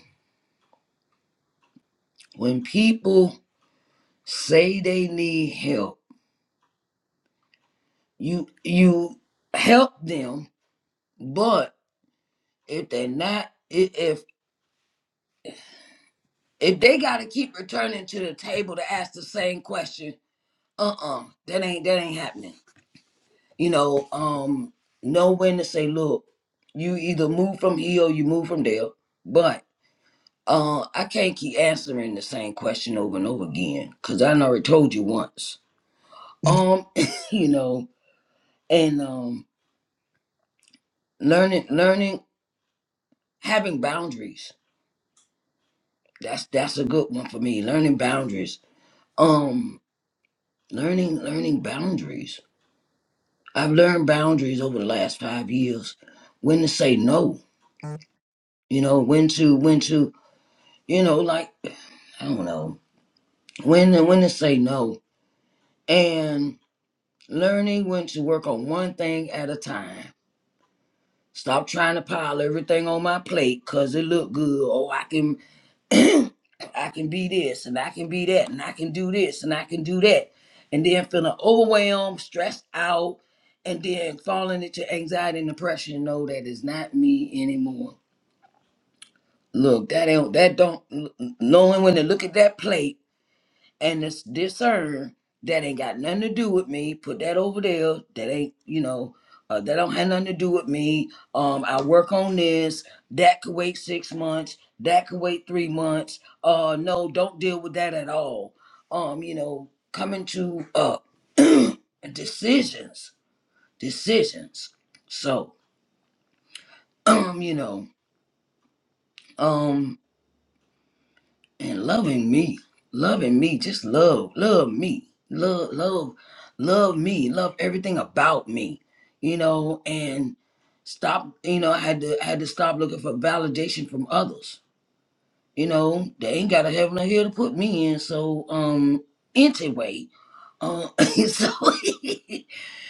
S5: when people say they need help, you you help them, but if they're not, i- if if they got to keep returning to the table to ask the same question, uh-uh, that ain't that ain't happening. You know, um, know when to say, look, you either move from here or you move from there, but Uh, I can't keep answering the same question over and over again because I done already told you once. Um, you know, and um, learning, learning, having boundaries. That's that's a good one for me. Learning boundaries. Um, learning, learning boundaries. I've learned boundaries over the last five years. When to say no. You know, when to when to you know like I don't know when to, when to say no and learning when to work on one thing at a time Stop trying to pile everything on my plate cause it look good. Oh, I can I can be this and I can be that and I can do this and I can do that. And then feeling overwhelmed, stressed out, and then falling into anxiety and depression. No, that is not me anymore. Look, that ain't that don't knowing when to look at that plate and it's discern that ain't got nothing to do with me. Put that over there. That ain't you know uh, that don't have nothing to do with me. Um, I work on this. That could wait six months. That could wait three months. Uh, no, don't deal with that at all. Um, you know, coming to uh decisions, decisions. So um, you know, um. and loving me, loving me, just love, love me, love, love, love me, love everything about me, you know, and stop, you know, I had to I had to stop looking for validation from others. You know, they ain't got a heaven or hell to put me in. So, um, anyway, um, so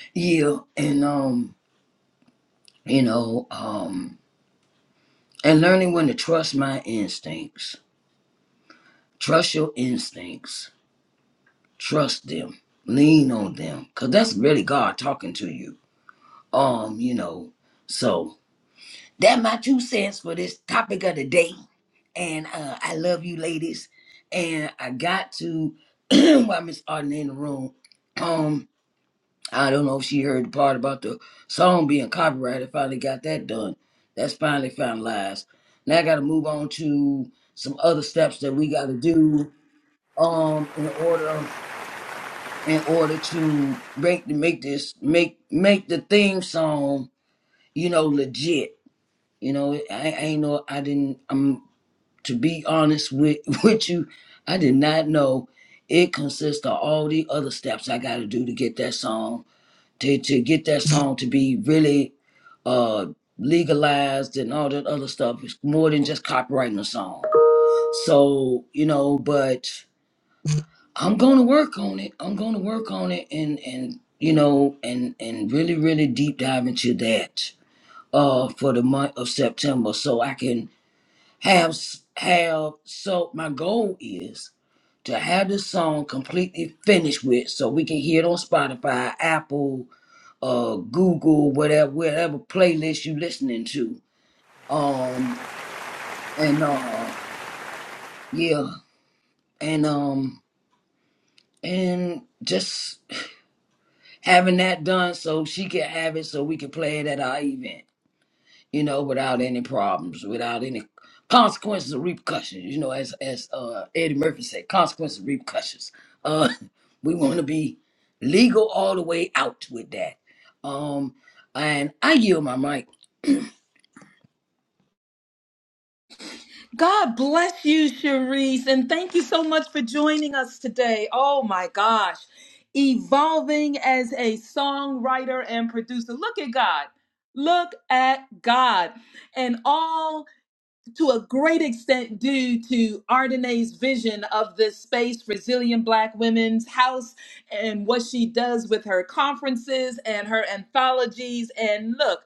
S5: yeah, and um, you know, um, and learning when to trust my instincts, trust your instincts trust them lean on them because that's really god talking to you um you know so that my two cents for this topic of the day and uh i love you ladies and i got to while miss arden in the room um i don't know if she heard the part about the song being copyrighted finally got that done that's finally finalized now i gotta move on to some other steps that we gotta do um in order in order to make make this make make the theme song you know legit you know i, I ain't know i didn't i'm to be honest with with you i did not know it consists of all the other steps i got to do to get that song to to get that song to be really uh legalized and all that other stuff it's more than just copyrighting a song so you know but I'm going to work on it. I'm going to work on it and and you know and and really really deep dive into that uh for the month of September so I can have s- have so my goal is to have this song completely finished with so we can hear it on Spotify, Apple, uh Google, whatever whatever playlist you listening to. Um and uh yeah, and um and just having that done so she can have it so we can play it at our event you know without any problems without any consequences or repercussions you know as as uh eddie murphy said consequences and repercussions uh we want to be legal all the way out with that um and i yield my mic
S1: God bless you, Cherise. And thank you so much for joining us today. Oh my gosh. Evolving as a songwriter and producer. Look at God. Look at God. And all to a great extent due to Ardenae's vision of this space, Resilient Black Women's House, and what she does with her conferences and her anthologies. And look,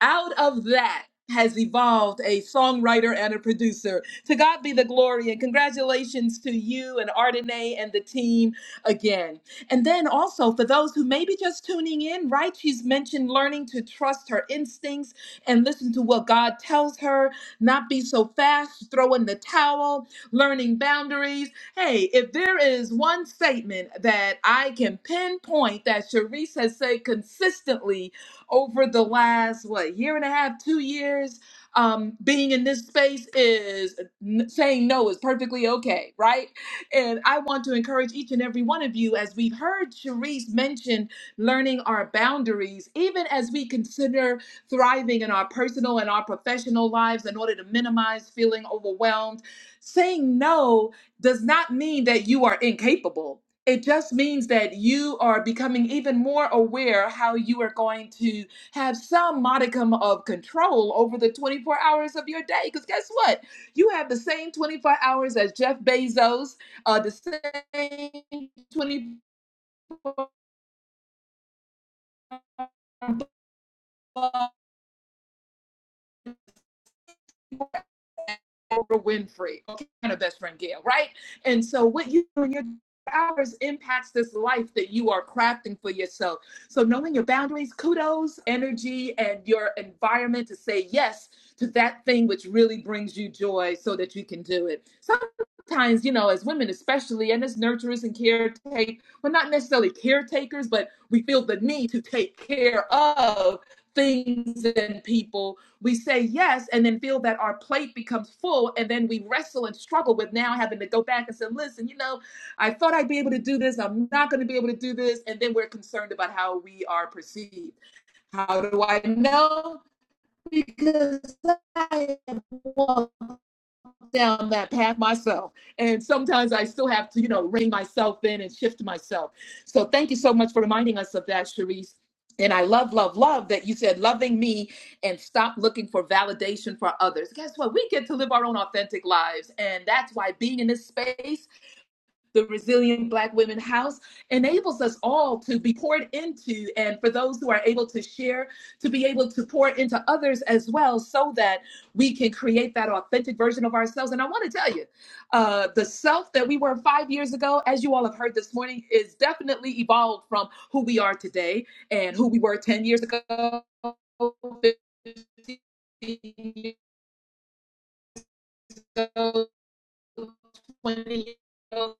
S1: out of that has evolved a songwriter and a producer. To God be the glory and congratulations to you and Ardenae and the team again. And then also for those who may be just tuning in, right? She's mentioned learning to trust her instincts and listen to what God tells her, not be so fast, throw in the towel, learning boundaries. Hey, if there is one statement that I can pinpoint that Sharice has said consistently over the last what year and a half, two years, um, being in this space is n- saying no is perfectly okay, right? And I want to encourage each and every one of you, as we've heard Cherise mention, learning our boundaries, even as we consider thriving in our personal and our professional lives in order to minimize feeling overwhelmed. Saying no does not mean that you are incapable it just means that you are becoming even more aware how you are going to have some modicum of control over the 24 hours of your day. Because guess what? You have the same 24 hours as Jeff Bezos, uh, the same 24 Oprah Winfrey, okay, and her best friend Gail, right? And so what you do in your hours impacts this life that you are crafting for yourself. So knowing your boundaries, kudos, energy, and your environment to say yes to that thing which really brings you joy so that you can do it. Sometimes, you know, as women especially, and as nurturers and caretakers, we're not necessarily caretakers, but we feel the need to take care of things and people we say yes and then feel that our plate becomes full and then we wrestle and struggle with now having to go back and say listen you know i thought i'd be able to do this i'm not going to be able to do this and then we're concerned about how we are perceived how do i know because i am down that path myself. And sometimes I still have to, you know, rein myself in and shift myself. So thank you so much for reminding us of that, Sharice. And I love, love, love that you said loving me and stop looking for validation for others. Guess what? We get to live our own authentic lives. And that's why being in this space the Resilient Black Women House, enables us all to be poured into, and for those who are able to share, to be able to pour into others as well, so that we can create that authentic version of ourselves. And I want to tell you, uh, the self that we were five years ago, as you all have heard this morning, is definitely evolved from who we are today and who we were 10 years ago. 15 years ago, 20 years ago,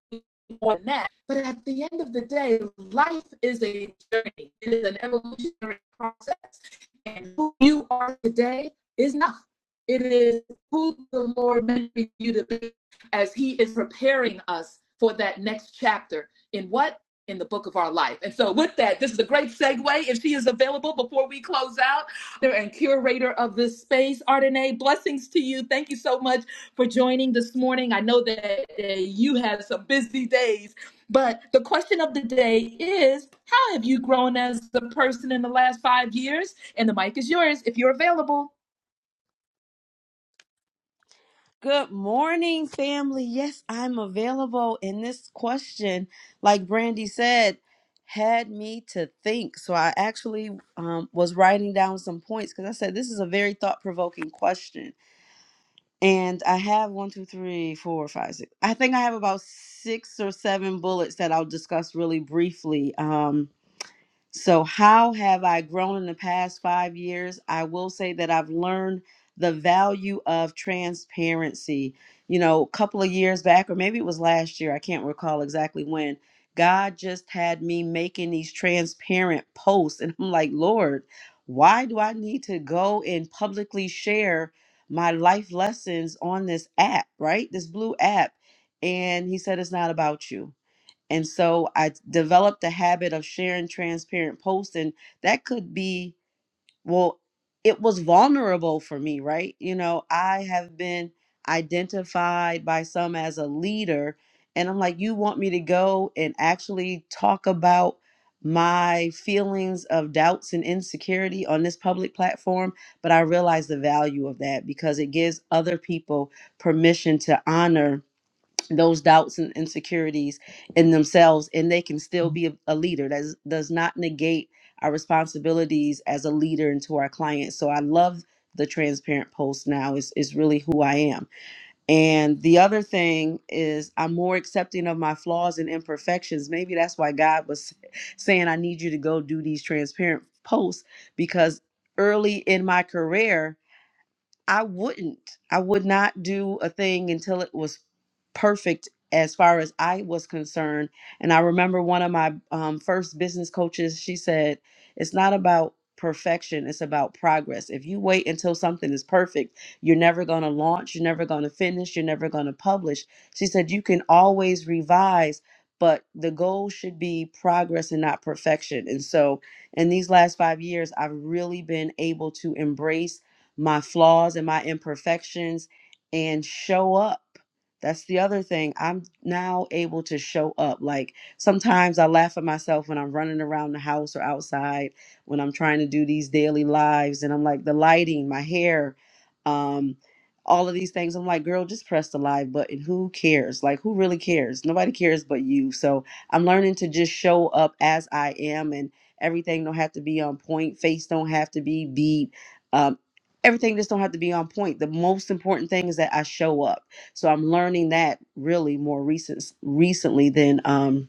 S1: more than that. But at the end of the day, life is a journey. It is an evolutionary process. And who you are today is not. It is who the Lord meant for you to be as He is preparing us for that next chapter in what? In the book of our life. And so, with that, this is a great segue. If she is available before we close out, and curator of this space, Ardenae, blessings to you. Thank you so much for joining this morning. I know that uh, you had some busy days, but the question of the day is how have you grown as a person in the last five years? And the mic is yours if you're available.
S6: Good morning, family. Yes, I'm available. And this question, like Brandy said, had me to think. So I actually um, was writing down some points because I said this is a very thought provoking question. And I have one, two, three, four, five, six. I think I have about six or seven bullets that I'll discuss really briefly. Um, so, how have I grown in the past five years? I will say that I've learned the value of transparency. You know, a couple of years back, or maybe it was last year, I can't recall exactly when, God just had me making these transparent posts. And I'm like, Lord, why do I need to go and publicly share my life lessons on this app, right? This blue app. And He said, It's not about you and so I developed a habit of sharing transparent posts, and that could be, well, it was vulnerable for me, right? You know, I have been identified by some as a leader, and I'm like, you want me to go and actually talk about my feelings of doubts and insecurity on this public platform? But I realize the value of that because it gives other people permission to honor those doubts and insecurities in themselves and they can still be a, a leader that is- does not negate our responsibilities as a leader and to our clients so i love the transparent post now is is really who i am and the other thing is i'm more accepting of my flaws and imperfections maybe that's why god was saying i need you to go do these transparent posts because early in my career I wouldn't. I would not do a thing until it was perfect as far as I was concerned. And I remember one of my um, first business coaches, she said, It's not about perfection, it's about progress. If you wait until something is perfect, you're never going to launch, you're never going to finish, you're never going to publish. She said, You can always revise. But the goal should be progress and not perfection. And so, in these last five years, I've really been able to embrace my flaws and my imperfections and show up. That's the other thing. I'm now able to show up. Like sometimes I laugh at myself when I'm running around the house or outside when I'm trying to do these daily lives and I'm like the lighting, my hair, um all of these things. I'm like, girl, just press the live button. Who cares? Like, who really cares? Nobody cares but you. So I'm learning to just show up as I am, and everything don't have to be on point. Face don't have to be beat. Um, everything just don't have to be on point the most important thing is that i show up so i'm learning that really more recent recently than um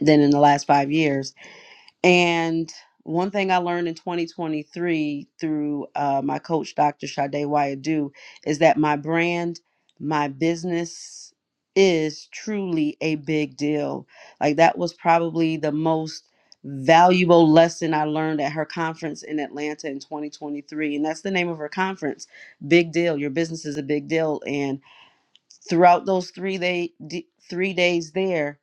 S6: than in the last five years and one thing I learned in 2023 through uh, my coach, Dr. Sade Wayadu, is that my brand, my business is truly a big deal. Like that was probably the most valuable lesson I learned at her conference in Atlanta in 2023. And that's the name of her conference, Big Deal. Your business is a big deal. And throughout those three day d- three days there,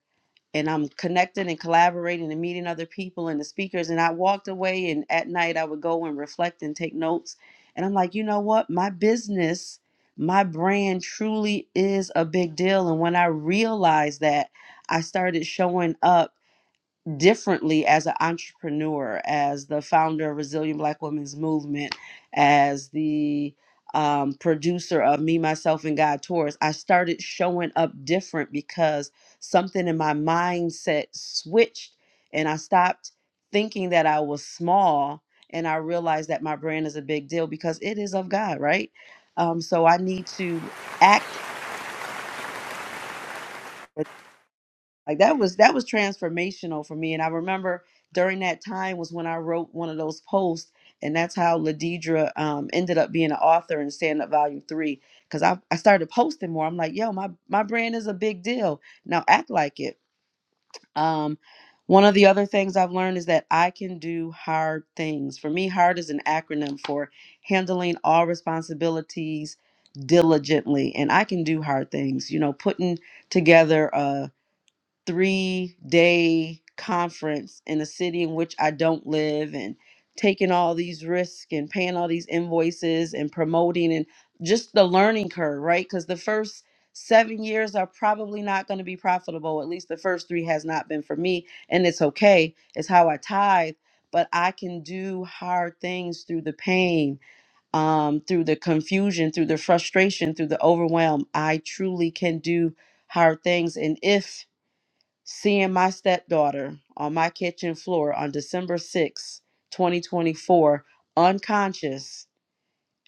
S6: and I'm connecting and collaborating and meeting other people and the speakers. And I walked away, and at night I would go and reflect and take notes. And I'm like, you know what? My business, my brand truly is a big deal. And when I realized that, I started showing up differently as an entrepreneur, as the founder of Resilient Black Women's Movement, as the um, producer of Me, Myself, and God Tours, I started showing up different because something in my mindset switched and I stopped thinking that I was small and I realized that my brand is a big deal because it is of God, right? Um, so I need to act. like that was that was transformational for me and i remember during that time was when i wrote one of those posts and that's how ladidra um, ended up being an author in stand up volume three because I, I started posting more i'm like yo my, my brand is a big deal now act like it um, one of the other things i've learned is that i can do hard things for me hard is an acronym for handling all responsibilities diligently and i can do hard things you know putting together three day conference in a city in which I don't live and taking all these risks and paying all these invoices and promoting and just the learning curve, right? Because the first seven years are probably not going to be profitable. At least the first three has not been for me. And it's okay, it's how I tithe. But I can do hard things through the pain, um, through the confusion, through the frustration, through the overwhelm. I truly can do hard things. And if seeing my stepdaughter on my kitchen floor on December sixth, twenty 2024, unconscious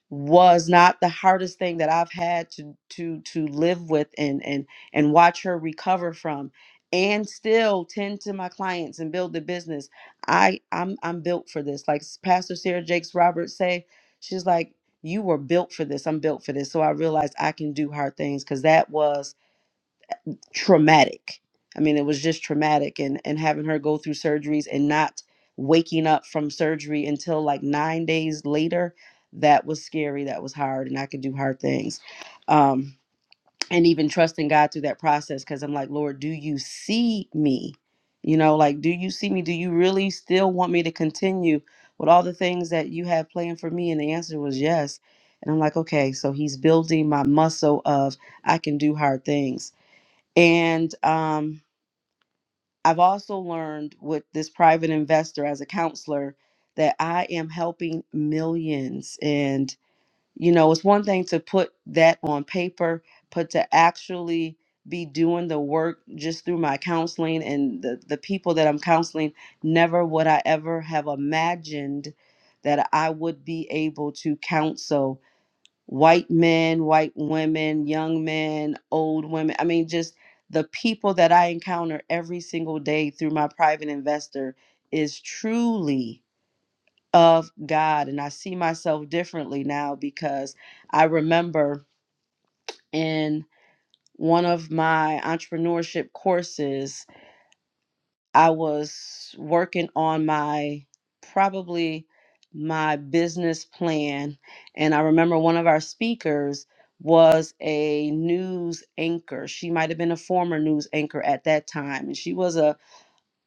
S6: was not the hardest thing that I've had to to to live with and and and watch her recover from and still tend to my clients and build the business. I I'm I'm built for this. Like Pastor Sarah Jakes Roberts say, she's like you were built for this. I'm built for this. So I realized I can do hard things cuz that was traumatic. I mean, it was just traumatic and and having her go through surgeries and not waking up from surgery until like 9 days later, that was scary, that was hard and I could do hard things. Um and even trusting God through that process cuz I'm like, "Lord, do you see me?" You know, like, "Do you see me? Do you really still want me to continue with all the things that you have planned for me?" And the answer was yes. And I'm like, "Okay, so he's building my muscle of I can do hard things." And um, I've also learned with this private investor as a counselor that I am helping millions. And, you know, it's one thing to put that on paper, but to actually be doing the work just through my counseling and the, the people that I'm counseling, never would I ever have imagined that I would be able to counsel white men, white women, young men, old women. I mean, just the people that I encounter every single day through my private investor is truly of God. And I see myself differently now because I remember in one of my entrepreneurship courses I was working on my probably my business plan. And I remember one of our speakers was a news anchor. She might have been a former news anchor at that time. And she was a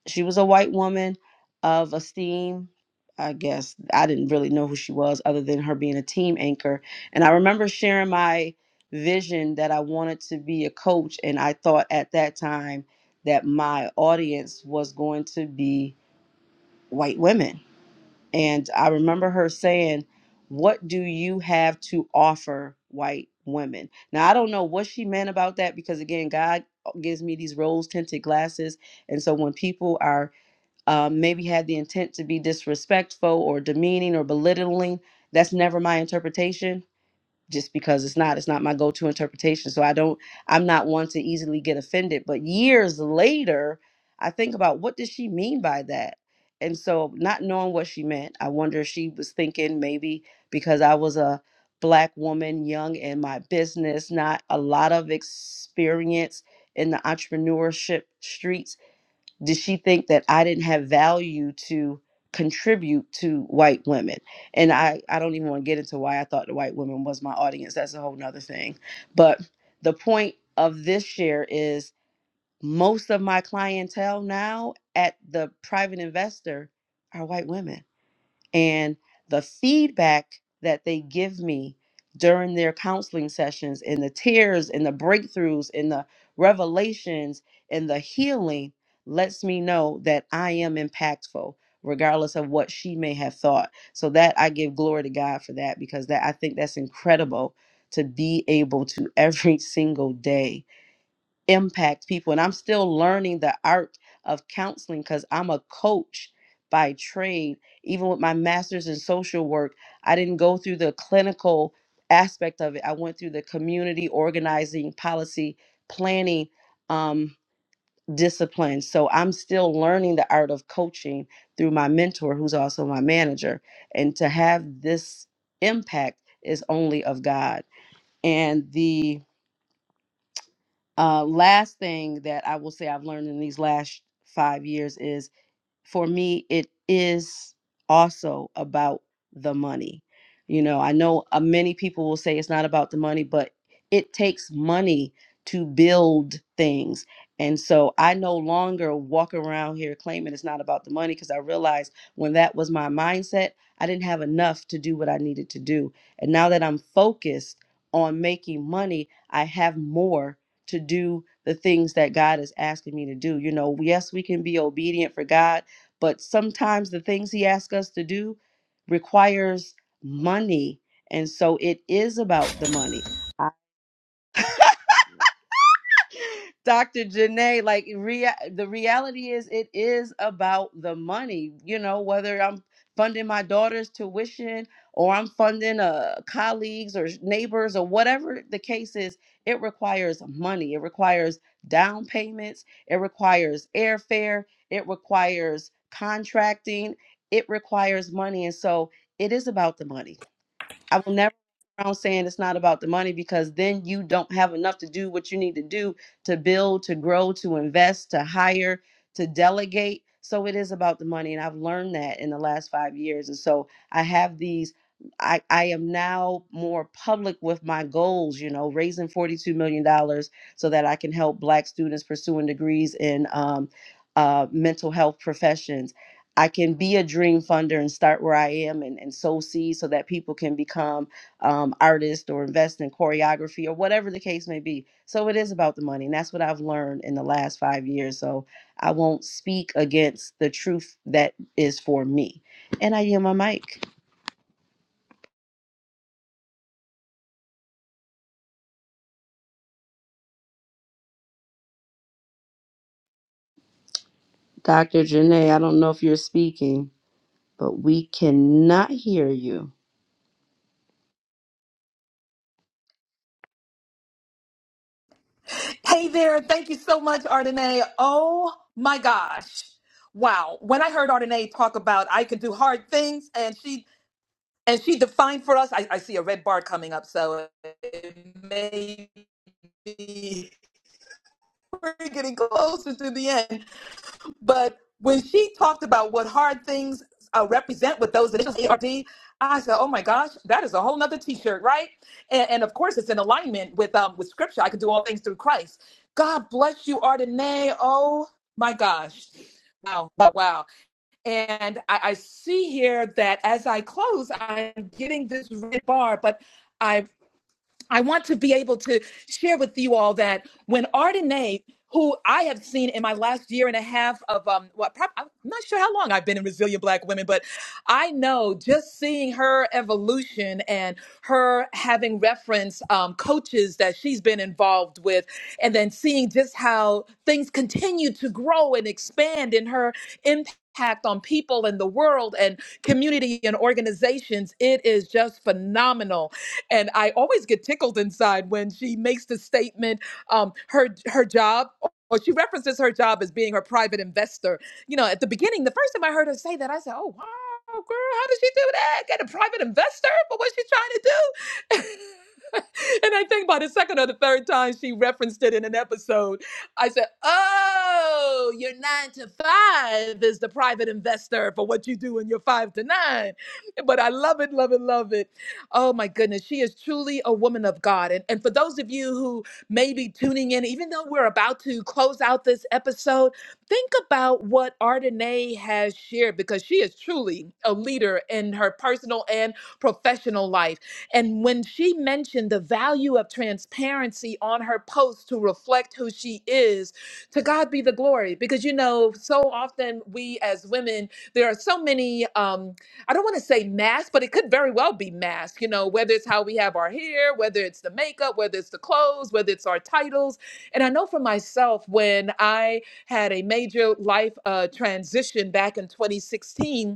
S6: she was a white woman of esteem i guess i didn't really know who she was other than her being a team anchor and i remember sharing my vision that i wanted to be a coach and i thought at that time that my audience was going to be white women and i remember her saying what do you have to offer white women now i don't know what she meant about that because again god gives me these rose tinted glasses and so when people are um, maybe had the intent to be disrespectful or demeaning or belittling. That's never my interpretation just because it's not it's not my go-to interpretation so i don't i'm not one to easily get offended but years later i think about what did she mean by that and so not knowing what she meant i wonder if she was thinking maybe because i was a black woman young in my business not a lot of experience in the entrepreneurship streets did she think that I didn't have value to contribute to white women? And I, I don't even want to get into why I thought the white women was my audience. That's a whole nother thing. But the point of this share is most of my clientele now at the private investor are white women and the feedback that they give me during their counseling sessions and the tears and the breakthroughs and the revelations and the healing lets me know that I am impactful regardless of what she may have thought so that I give glory to God for that because that I think that's incredible to be able to every single day impact people. And I'm still learning the art of counseling because I'm a coach by trade. Even with my master's in social work, I didn't go through the clinical aspect of it. I went through the community organizing, policy planning um, discipline. So I'm still learning the art of coaching through my mentor, who's also my manager. And to have this impact is only of God. And the uh, last thing that I will say I've learned in these last five years is for me, it is also about the money. You know, I know uh, many people will say it's not about the money, but it takes money to build things. And so I no longer walk around here claiming it's not about the money because I realized when that was my mindset, I didn't have enough to do what I needed to do. And now that I'm focused on making money, I have more to do the things that God is asking me to do. You know, yes, we can be obedient for God but sometimes the things he asks us to do requires money and so it is about the money Dr. Janae, like rea- the reality is it is about the money, you know, whether I'm funding my daughter's tuition or I'm funding uh colleagues or neighbors or whatever the case is, it requires money. It requires down payments, it requires airfare, it requires contracting, it requires money. And so it is about the money I will never go around saying it's not about the money because then you don't have enough to do what you need to do to build, to grow, to invest, to hire, to delegate. So it is about the money. And I've learned that in the last five years. And so I have these. I, I am now more public with my goals, you know, raising $42 million dollars so that I can help Black students pursuing degrees in um, uh, mental health professions I can be a dream funder and start where I am and, and sow seeds so that people can become um, artists or invest in choreography or whatever the case may be. So it is about the money. And that's what I've learned in the last five years. So I won't speak against the truth that is for me. And I yield my mic. Dr. Janae, I don't know if you're speaking, but we cannot hear you.
S1: Hey there. Thank you so much, Ardenae. Oh my gosh. Wow. When I heard Ardenae talk about I can do hard things and she and she defined for us, I, I see a red bar coming up, so it may be we're getting closer to the end. But when she talked about what hard things uh, represent with those initials A R D, I said, "Oh my gosh, that is a whole nother T-shirt, right?" And, and of course, it's in alignment with um, with Scripture. I can do all things through Christ. God bless you, Ardenae. Oh my gosh. Wow, wow, wow. And I, I see here that as I close, I'm getting this red bar, but I've I want to be able to share with you all that when Ardenae, who I have seen in my last year and a half of um, what prob- I'm not sure how long I've been in Resilient Black Women, but I know just seeing her evolution and her having reference um, coaches that she's been involved with, and then seeing just how things continue to grow and expand in her impact. on people and the world and community and organizations. It is just phenomenal and I always get tickled inside when she makes the statement, um, her her job. Or she references her job as being her private investor. You know, at the beginning, the first time I heard her say that, I said, "Oh wow, girl, how did she do that? Get a private investor for what she's trying to do?" and I think by the second or the third time she referenced it in an episode, I said, "Oh, your nine to five is the private investor for what you do in your five to nine." But I love it, love it, love it Oh my goodness, she is truly a woman of God. And, and for those of you who may be tuning in, even though we're about to close out this episode, think about what Ardenae has shared because she is truly a leader in her personal and professional life. And when she mentioned the value of transparency on her post to reflect who she is, to God be the glory. Because you know, so often we as women, there are so many. Um, I don't want to say mask, but it could very well be mask, you know, whether it's how we have our hair, whether it's the makeup, whether it's the clothes, whether it's our titles. And I know for myself, when I had a major life uh, transition back in 2016,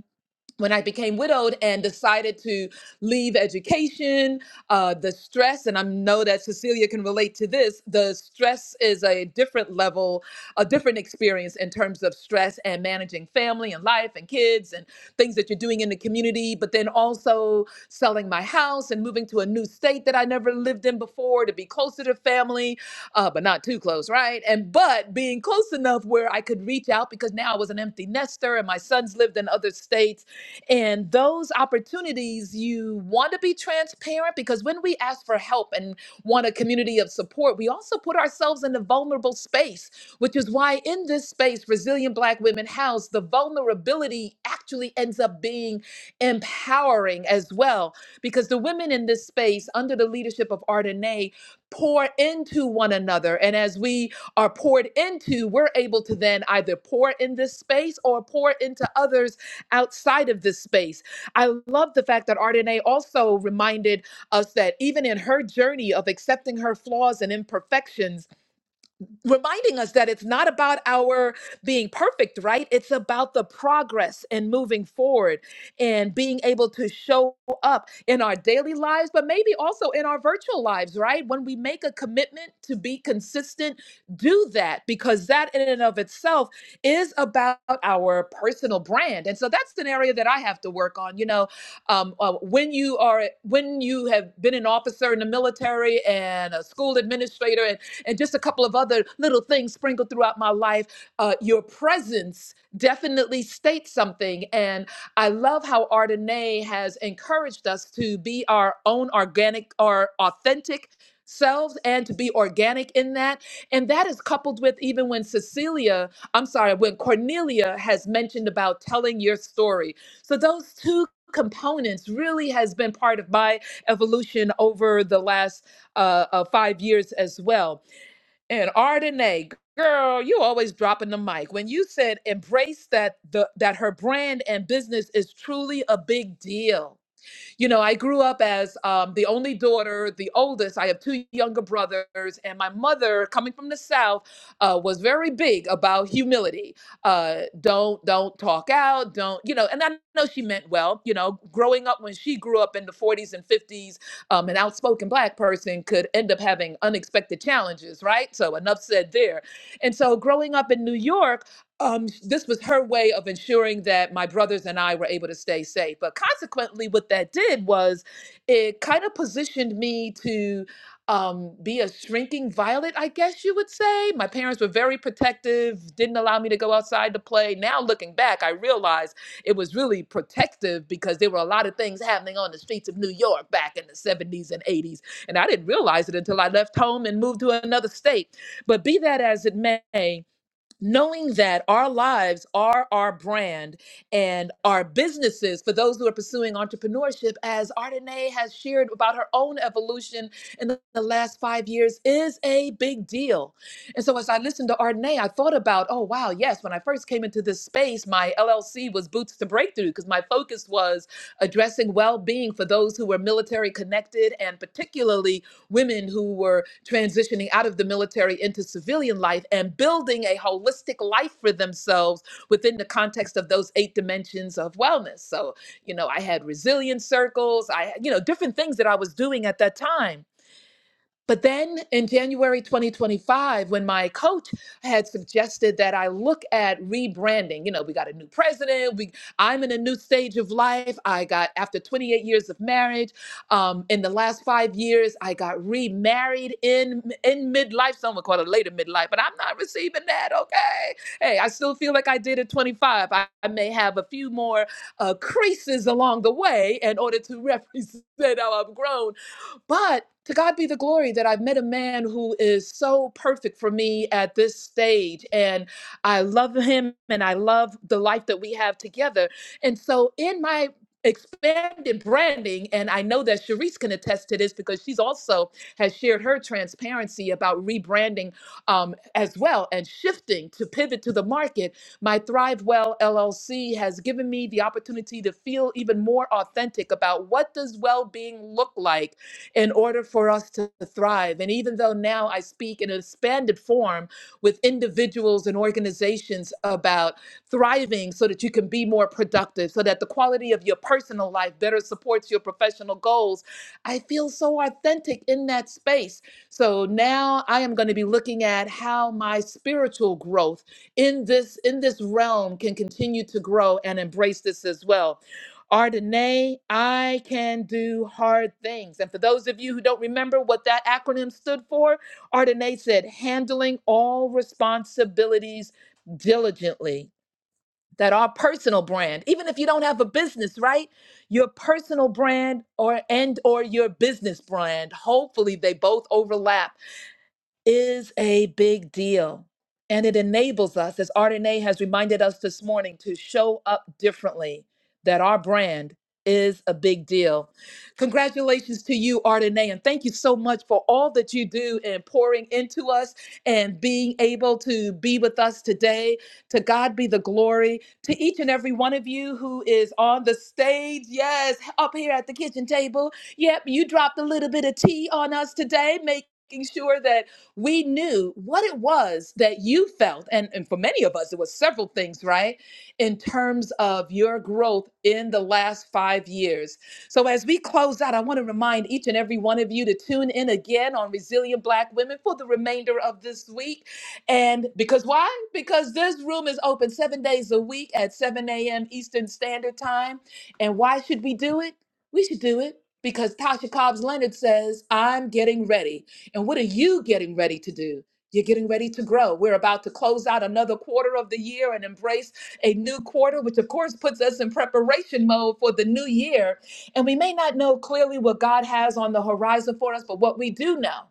S1: when I became widowed and decided to leave education, uh, the stress, and I know that Cecilia can relate to this, the stress is a different level, a different experience in terms of stress and managing family and life and kids and things that you're doing in the community, but then also selling my house and moving to a new state that I never lived in before to be closer to family, uh, but not too close, right? And but being close enough where I could reach out because now I was an empty nester and my sons lived in other states and those opportunities, you want to be transparent because when we ask for help and want a community of support, we also put ourselves in a vulnerable space, which is why in this space, Resilient Black Women House, the vulnerability actually ends up being empowering as well, because the women in this space, under the leadership of Ardenae, pour into one another. And as we are poured into, we're able to then either pour in this space or pour into others outside of this space. I love the fact that Ardenae also reminded us that even in her journey of accepting her flaws and imperfections, reminding us that it's not about our being perfect, right? It's about the progress and moving forward and being able to show up in our daily lives, but maybe also in our virtual lives, right? When we make a commitment to be consistent, do that because that in and of itself is about our personal brand. And so that's an area that I have to work on. You know, um, uh, when you are, when you have been an officer in the military and a school administrator, and and just a couple of other little things sprinkled throughout my life. Uh, your presence definitely states something. And I love how Ardenae has encouraged us to be our own organic or authentic selves and to be organic in that. And that is coupled with even when Cecilia, I'm sorry, when Cornelia has mentioned about telling your story. So those two components really has been part of my evolution over the last uh, uh, five years as well and Ardenae, girl, you always dropping the mic. When you said embrace that the that her brand and business is truly a big deal you know, I grew up as um, the only daughter, the oldest. I have two younger brothers, and my mother, coming from the South, uh, was very big about humility. Uh, don't don't talk out. Don't you know? And I know she meant well. You know, growing up when she grew up in the 40s and 50s, um, an outspoken black person could end up having unexpected challenges, right? So enough said there. And so growing up in New York um, this was her way of ensuring that my brothers and I were able to stay safe. But consequently, what that did was it kind of positioned me to um, be a shrinking violet, I guess you would say. My parents were very protective, didn't allow me to go outside to play. Now, looking back, I realize it was really protective because there were a lot of things happening on the streets of New York back in the 70s and 80s. And I didn't realize it until I left home and moved to another state. But be that as it may, knowing that our lives are our brand and our businesses for those who are pursuing entrepreneurship as Ardenae has shared about her own evolution in the the last 5 years is a big deal. And so as I listened to Ardenae I thought about oh wow yes when I first came into this space my LLC was boots to breakthrough because my focus was addressing well-being for those who were military connected and particularly women who were transitioning out of the military into civilian life and building a holistic life for themselves within the context of those eight dimensions of wellness. So, you know, I had resilience circles, I, you know, different things that I was doing at that time but then in January 2025, when my coach had suggested that I look at rebranding, you know, we got a new president, we I'm in a new stage of life. I got after 28 years of marriage, um, in the last five years, I got remarried in in midlife. Someone called it later midlife, but I'm not receiving that. Okay. Hey, I still feel like I did at 25. I, I may have a few more uh, creases along the way in order to represent how I've grown but to God be the glory that I've met a man who is so perfect for me at this stage. And I love him and I love the life that we have together. And so, in my expanded branding, and I know that Sharice can attest to this because she's also has shared her transparency about rebranding um, as well and shifting to pivot to the market. My Thrive Well LLC has given me the opportunity to feel even more authentic about what does well being look like in order for us to thrive. And even though now I speak in an expanded form with individuals and organizations about thriving so that you can be more productive, so that the quality of your personal life better supports your professional goals, I feel so authentic in that space. So now I am going to be looking at how my spiritual growth in this in this realm can continue to grow and embrace this as well. Ardenay, I can do hard things. And for those of you who don't remember what that acronym stood for, Ardenay said, handling all responsibilities diligently. That our personal brand, even if you don't have a business, right? Your personal brand or and or your business brand, hopefully they both overlap is a big deal. And it enables us, as Ardenae has reminded us this morning, to show up differently, that our brand is a big deal. Congratulations to you, Ardenae, and thank you so much for all that you do and pouring into us and being able to be with us today. To God be the glory. To each and every one of you who is on the stage, yes, up here at the kitchen table. Yep, you dropped a little bit of tea on us today, making sure that we knew what it was that you felt. And, and for many of us, it was several things, right? In terms of your growth in the last five years. So as we close out, I want to remind each and every one of you to tune in again on Resilient Black Women for the remainder of this week. And because why? Because this room is open seven days a week at 7 a.m. Eastern Standard Time. And why should we do it? We should do it because Tasha Cobbs Leonard says, I'm getting ready. And what are you getting ready to do? You're getting ready to grow. We're about to close out another quarter of the year and embrace a new quarter, which of course puts us in preparation mode for the new year. And we may not know clearly what God has on the horizon for us, but what we do know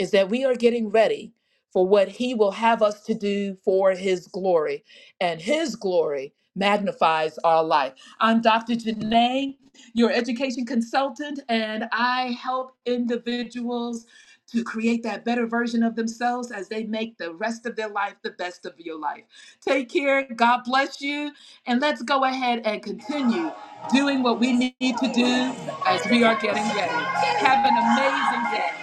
S1: is that we are getting ready for what He will have us to do for His glory. And His glory magnifies our life. I'm Dr. Janae, your education consultant, and I help individuals to create that better version of themselves as they make the rest of their life the best of your life. Take care. God bless you. And let's go ahead and continue doing what we need to do as we are getting ready. Have an amazing day.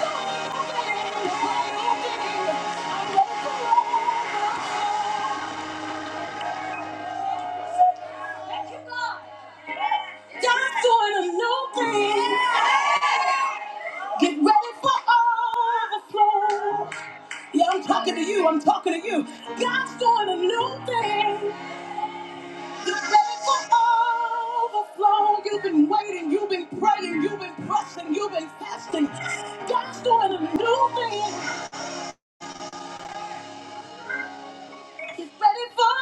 S1: God's doing a new thing. Get ready for overflow. Yeah, I'm talking to you. I'm talking to you. God's doing a new thing. Get ready for overflow. You've been waiting. You've been praying. You've been pressing. You've been fasting. God's doing a new thing. Get ready for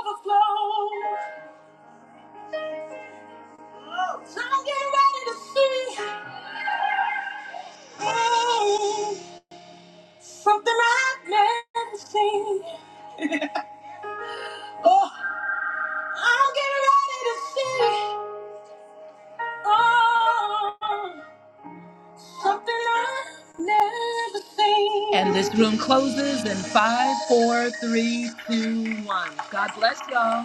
S1: overflow. So I'm getting ready to see hey, something I've never seen. Oh, I'm getting ready to see oh, something I've never seen. And this room closes in five, four, three, two, one. God bless y'all.